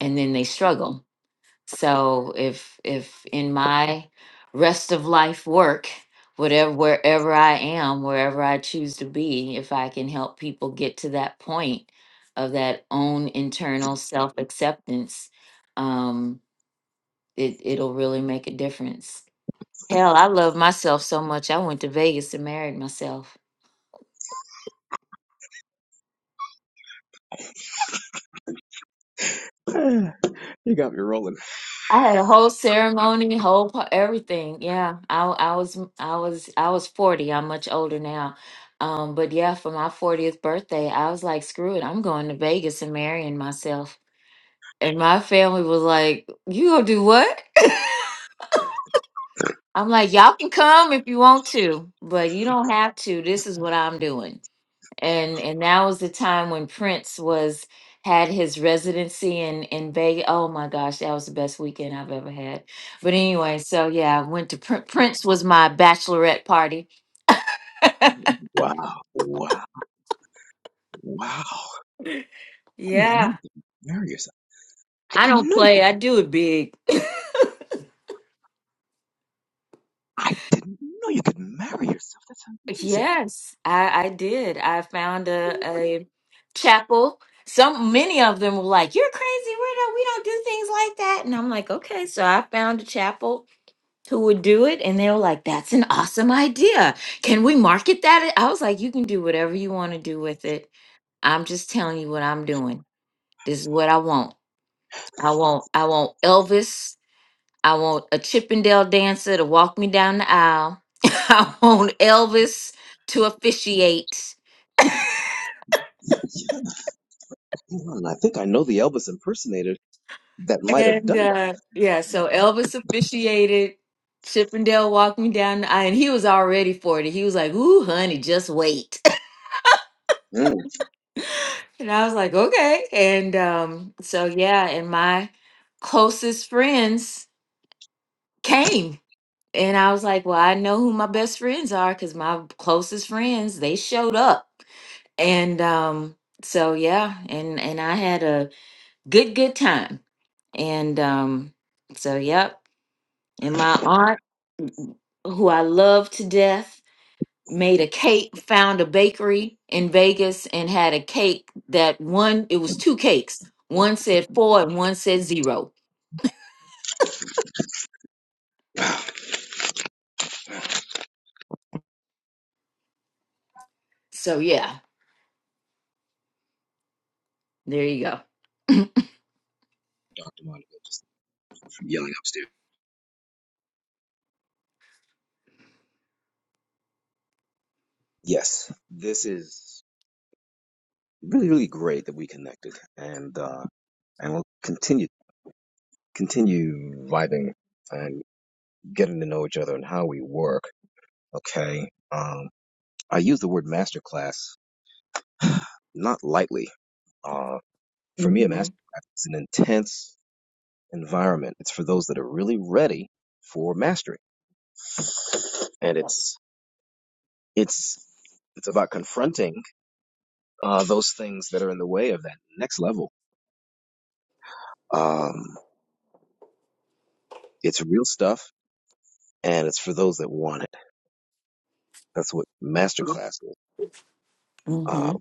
B: and then they struggle so if if in my rest of life work, whatever wherever I am, wherever I choose to be, if I can help people get to that point of that own internal self acceptance, um, it it'll really make a difference. Hell, I love myself so much. I went to Vegas and married myself.
A: You got me rolling.
B: I had a whole ceremony, whole pa- everything. Yeah, I I was I was I was forty. I'm much older now, um, but yeah, for my fortieth birthday, I was like, screw it, I'm going to Vegas and marrying myself. And my family was like, "You gonna do what?" I'm like, "Y'all can come if you want to, but you don't have to. This is what I'm doing." and and that was the time when Prince was had his residency in in Vegas. Oh my gosh, that was the best weekend I've ever had. But anyway, so yeah, I went to Prin- Prince was my bachelorette party.
A: Wow, wow, wow. I didn't know
B: Yeah,
A: you could marry yourself. I
B: I
A: didn't
B: don't
A: know you
B: play.
A: could
B: I do it big.
A: I didn't know you could marry yourself. That's amazing.
B: Yes, I I did. I found a a chapel. Some many of them were like, "You're crazy, We don't We don't do things like that." And I'm like, "Okay." So I found a chapel who would do it and they were like that's an awesome idea can we market that i was like you can do whatever you want to do with it i'm just telling you what i'm doing this is what i want i want i want elvis i want a chippendale dancer to walk me down the aisle i want elvis to officiate
A: Hang on, I think I know the Elvis impersonator that might have
B: and
A: done
B: uh yeah so elvis officiated chippendale walked me down the aisle and he was already for it he was like ooh honey just wait
A: that.
B: And I was like, okay. And um, so yeah, and my closest friends came. And I was like, well, I know who my best friends are because my closest friends, they showed up. And um, so yeah, and and I had a good, good time. And um, so yep. And my aunt, who I love to death, made a cake, found a bakery in Vegas and had a cake that one, it was two cakes. One said four and one said zero.
A: Dr.
B: So yeah, there you go.
A: Monica just yelling upstairs. Yes, this is really, really great that we connected and uh and we'll continue continue vibing and getting to know each other and how we work. Okay. Um I use the word masterclass not lightly. Uh for me a
B: hmm
A: masterclass is an intense environment. It's for those that are really ready for mastery, and it's it's it's about confronting uh, those things that are in the way of that next level. Um, it's real stuff, and it's for those that want it. That's what masterclass is. Um,
B: hmm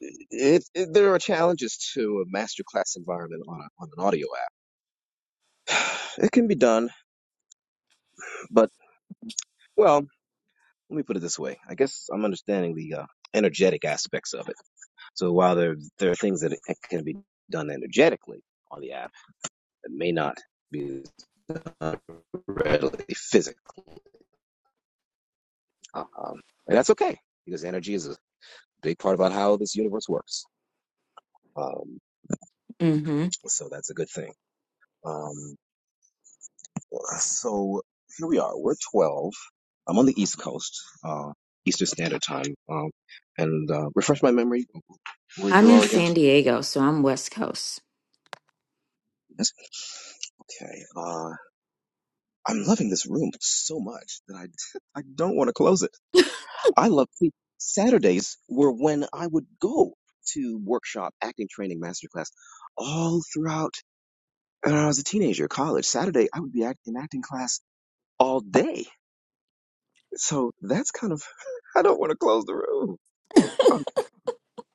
A: it, it, there are challenges to a masterclass environment on, a, on an audio app. It can be done, but well, let me put it this way. I guess I'm understanding the uh, energetic aspects of it So while there there are things that can be done energetically on the app that may not be done readily physically, um, and that's okay because energy is a big part about how this universe works. Um,
B: hmm
A: so that's a good thing. Um, so here we are. We're twelve. I'm on the East Coast, uh, Eastern Standard Time, um, and uh, refresh my memory where
B: I'm
A: you
B: in
A: are again.
B: San Diego, so I'm West Coast.
A: Yes. Okay. Uh, I'm loving this room so much that I I don't want to close it. I love see Saturdays were when I would go to workshop acting training masterclass all throughout And when I was a teenager, college. Saturday I would be act- in acting class all day. So that's kind of I don't want to close the room. I,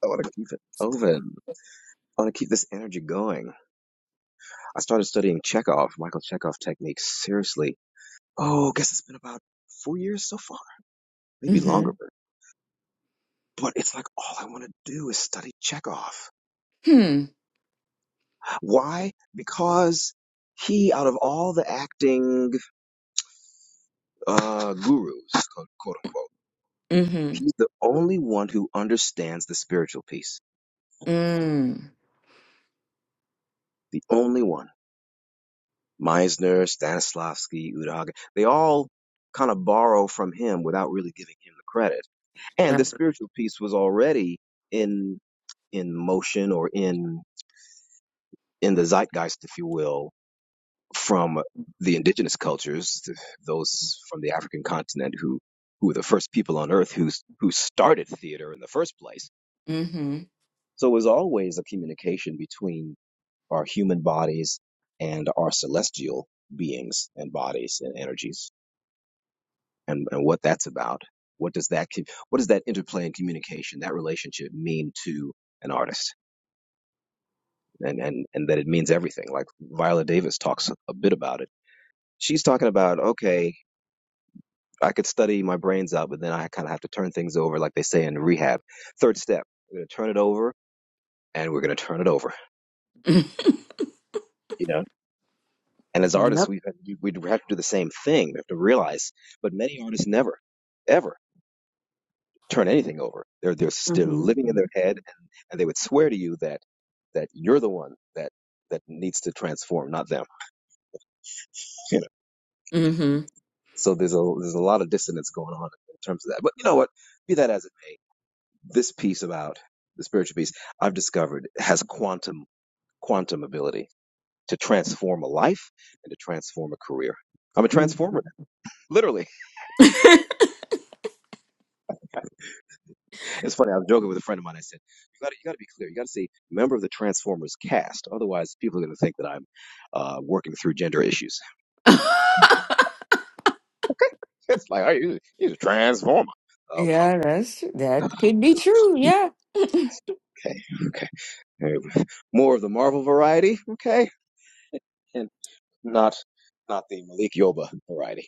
A: I want to keep it open. I want to keep this energy going. I started studying Chekhov, Michael Chekhov techniques seriously. Oh, I guess it's been about four years so far, maybe
B: hmm
A: longer. But it's like all I want to do is study Chekhov.
B: Hmm.
A: Why? Because he, out of all the acting uh, gurus, quote quote unquote,
B: hmm
A: he's the only one who understands the spiritual piece.
B: Mm.
A: The only one. Meisner, Stanislavski, Udog, they all kind of borrow from him without really giving him the credit. And the spiritual piece was already in in motion or in in the zeitgeist, if you will, from the indigenous cultures, those from the African continent who who were the first people on earth who who started theater in the first place.
B: hmm
A: So it was always a communication between our human bodies and our celestial beings and bodies and energies and, and what that's about. What does that co- what does that interplay and communication, that relationship mean to an artist? And and and that it means everything. Like Viola Davis talks a bit about it. She's talking about, okay, I could study my brains out, but then I kind of have to turn things over, like they say in rehab. Third step, we're going to turn it over and we're going to turn it over, you know? And as artists,
B: Yep.
A: we have, we we have to do the same thing. We have to realize, but many artists never, ever turn anything over. They're, they're
B: hmm
A: still living in their head and, and they would swear to you that, that you're the one that, that needs to transform, not them. You know?
B: hmm hmm
A: So there's a, there's a lot of dissonance going on in terms of that. But you know what? Be that as it may this piece about the spiritual piece I've discovered has quantum quantum ability to transform a life and to transform a career. I'm a transformer, literally. It's funny. I was joking with a friend of mine. I said, "You got to, you got to be clear. You got to say member of the Transformers cast. Otherwise, people are going to think that I'm uh, working through gender issues." It's like, "Are you? He's a transformer." Okay.
B: yeah, that's that could be true. Yeah.
A: Okay. Okay. Hey, More of the Marvel variety. Okay, and not not the Malik Yoba variety.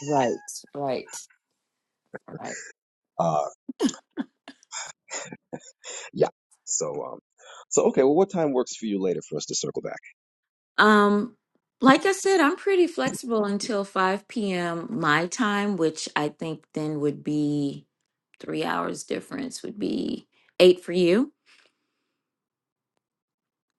B: Right. Right. Right.
A: Uh, yeah. So, um, so okay. Well, what time works for you later for us to circle back?
B: Um, like I said, I'm pretty flexible until 5 p.m. my time, which I think then would be three hours difference would be eight for you.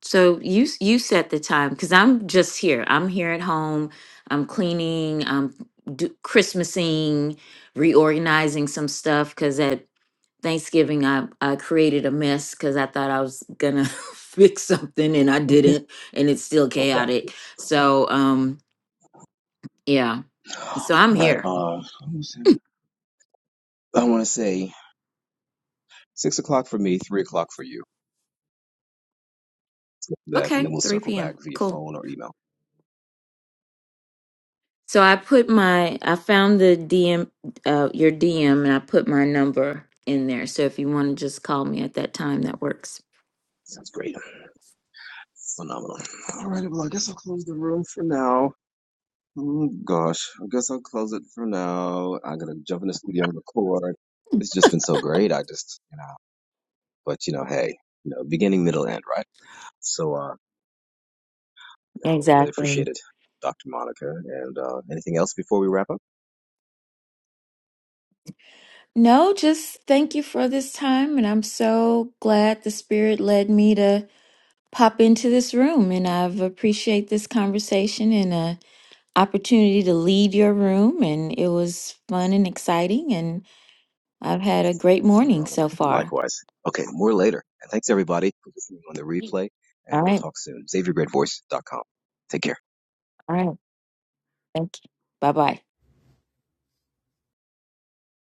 B: So you s- you set the time because I'm just here. I'm here at home. I'm cleaning. I'm do, Christmasing, reorganizing some stuff because at Thanksgiving I, I created a mess because I thought I was gonna fix something and I didn't, and it's still
A: Oh, gotcha.
B: chaotic. So um yeah So I'm
A: All right.
B: here.
A: Uh, almost seven. I want to say six o'clock for me, three o'clock for you. Let's do That, and
B: Okay,
A: then we'll
B: 3
A: circle back
B: p.m.
A: via
B: Cool.
A: phone or email.
B: So I put my I found the DM uh your DM and I put my number in there. So if you want to just call me at that time, that works.
A: Sounds great. Phenomenal. All right. Well, I guess I'll close the room for now. Oh gosh, I guess I'll close it for now. I am going to jump in the studio and record. It's just been so great. I just, you know, but you know, hey, you know, beginning, middle, end, right? So, uh, you know, really
B: Exactly.
A: appreciate it, Dr. Monica. And uh, anything else before we wrap up?
B: No, just thank you for this time and I'm so glad the spirit led me to pop into this room and I've appreciate this conversation and a opportunity to lead your room and it was fun and exciting and I've had a great morning
A: Phenomenal.
B: so far.
A: Likewise. Okay, more later. And thanks everybody for listening on the replay.
B: All
A: And we'll
B: right.
A: talk soon. SaveYourGreatVoice.com. Take care.
B: All right. Thank you. Bye bye.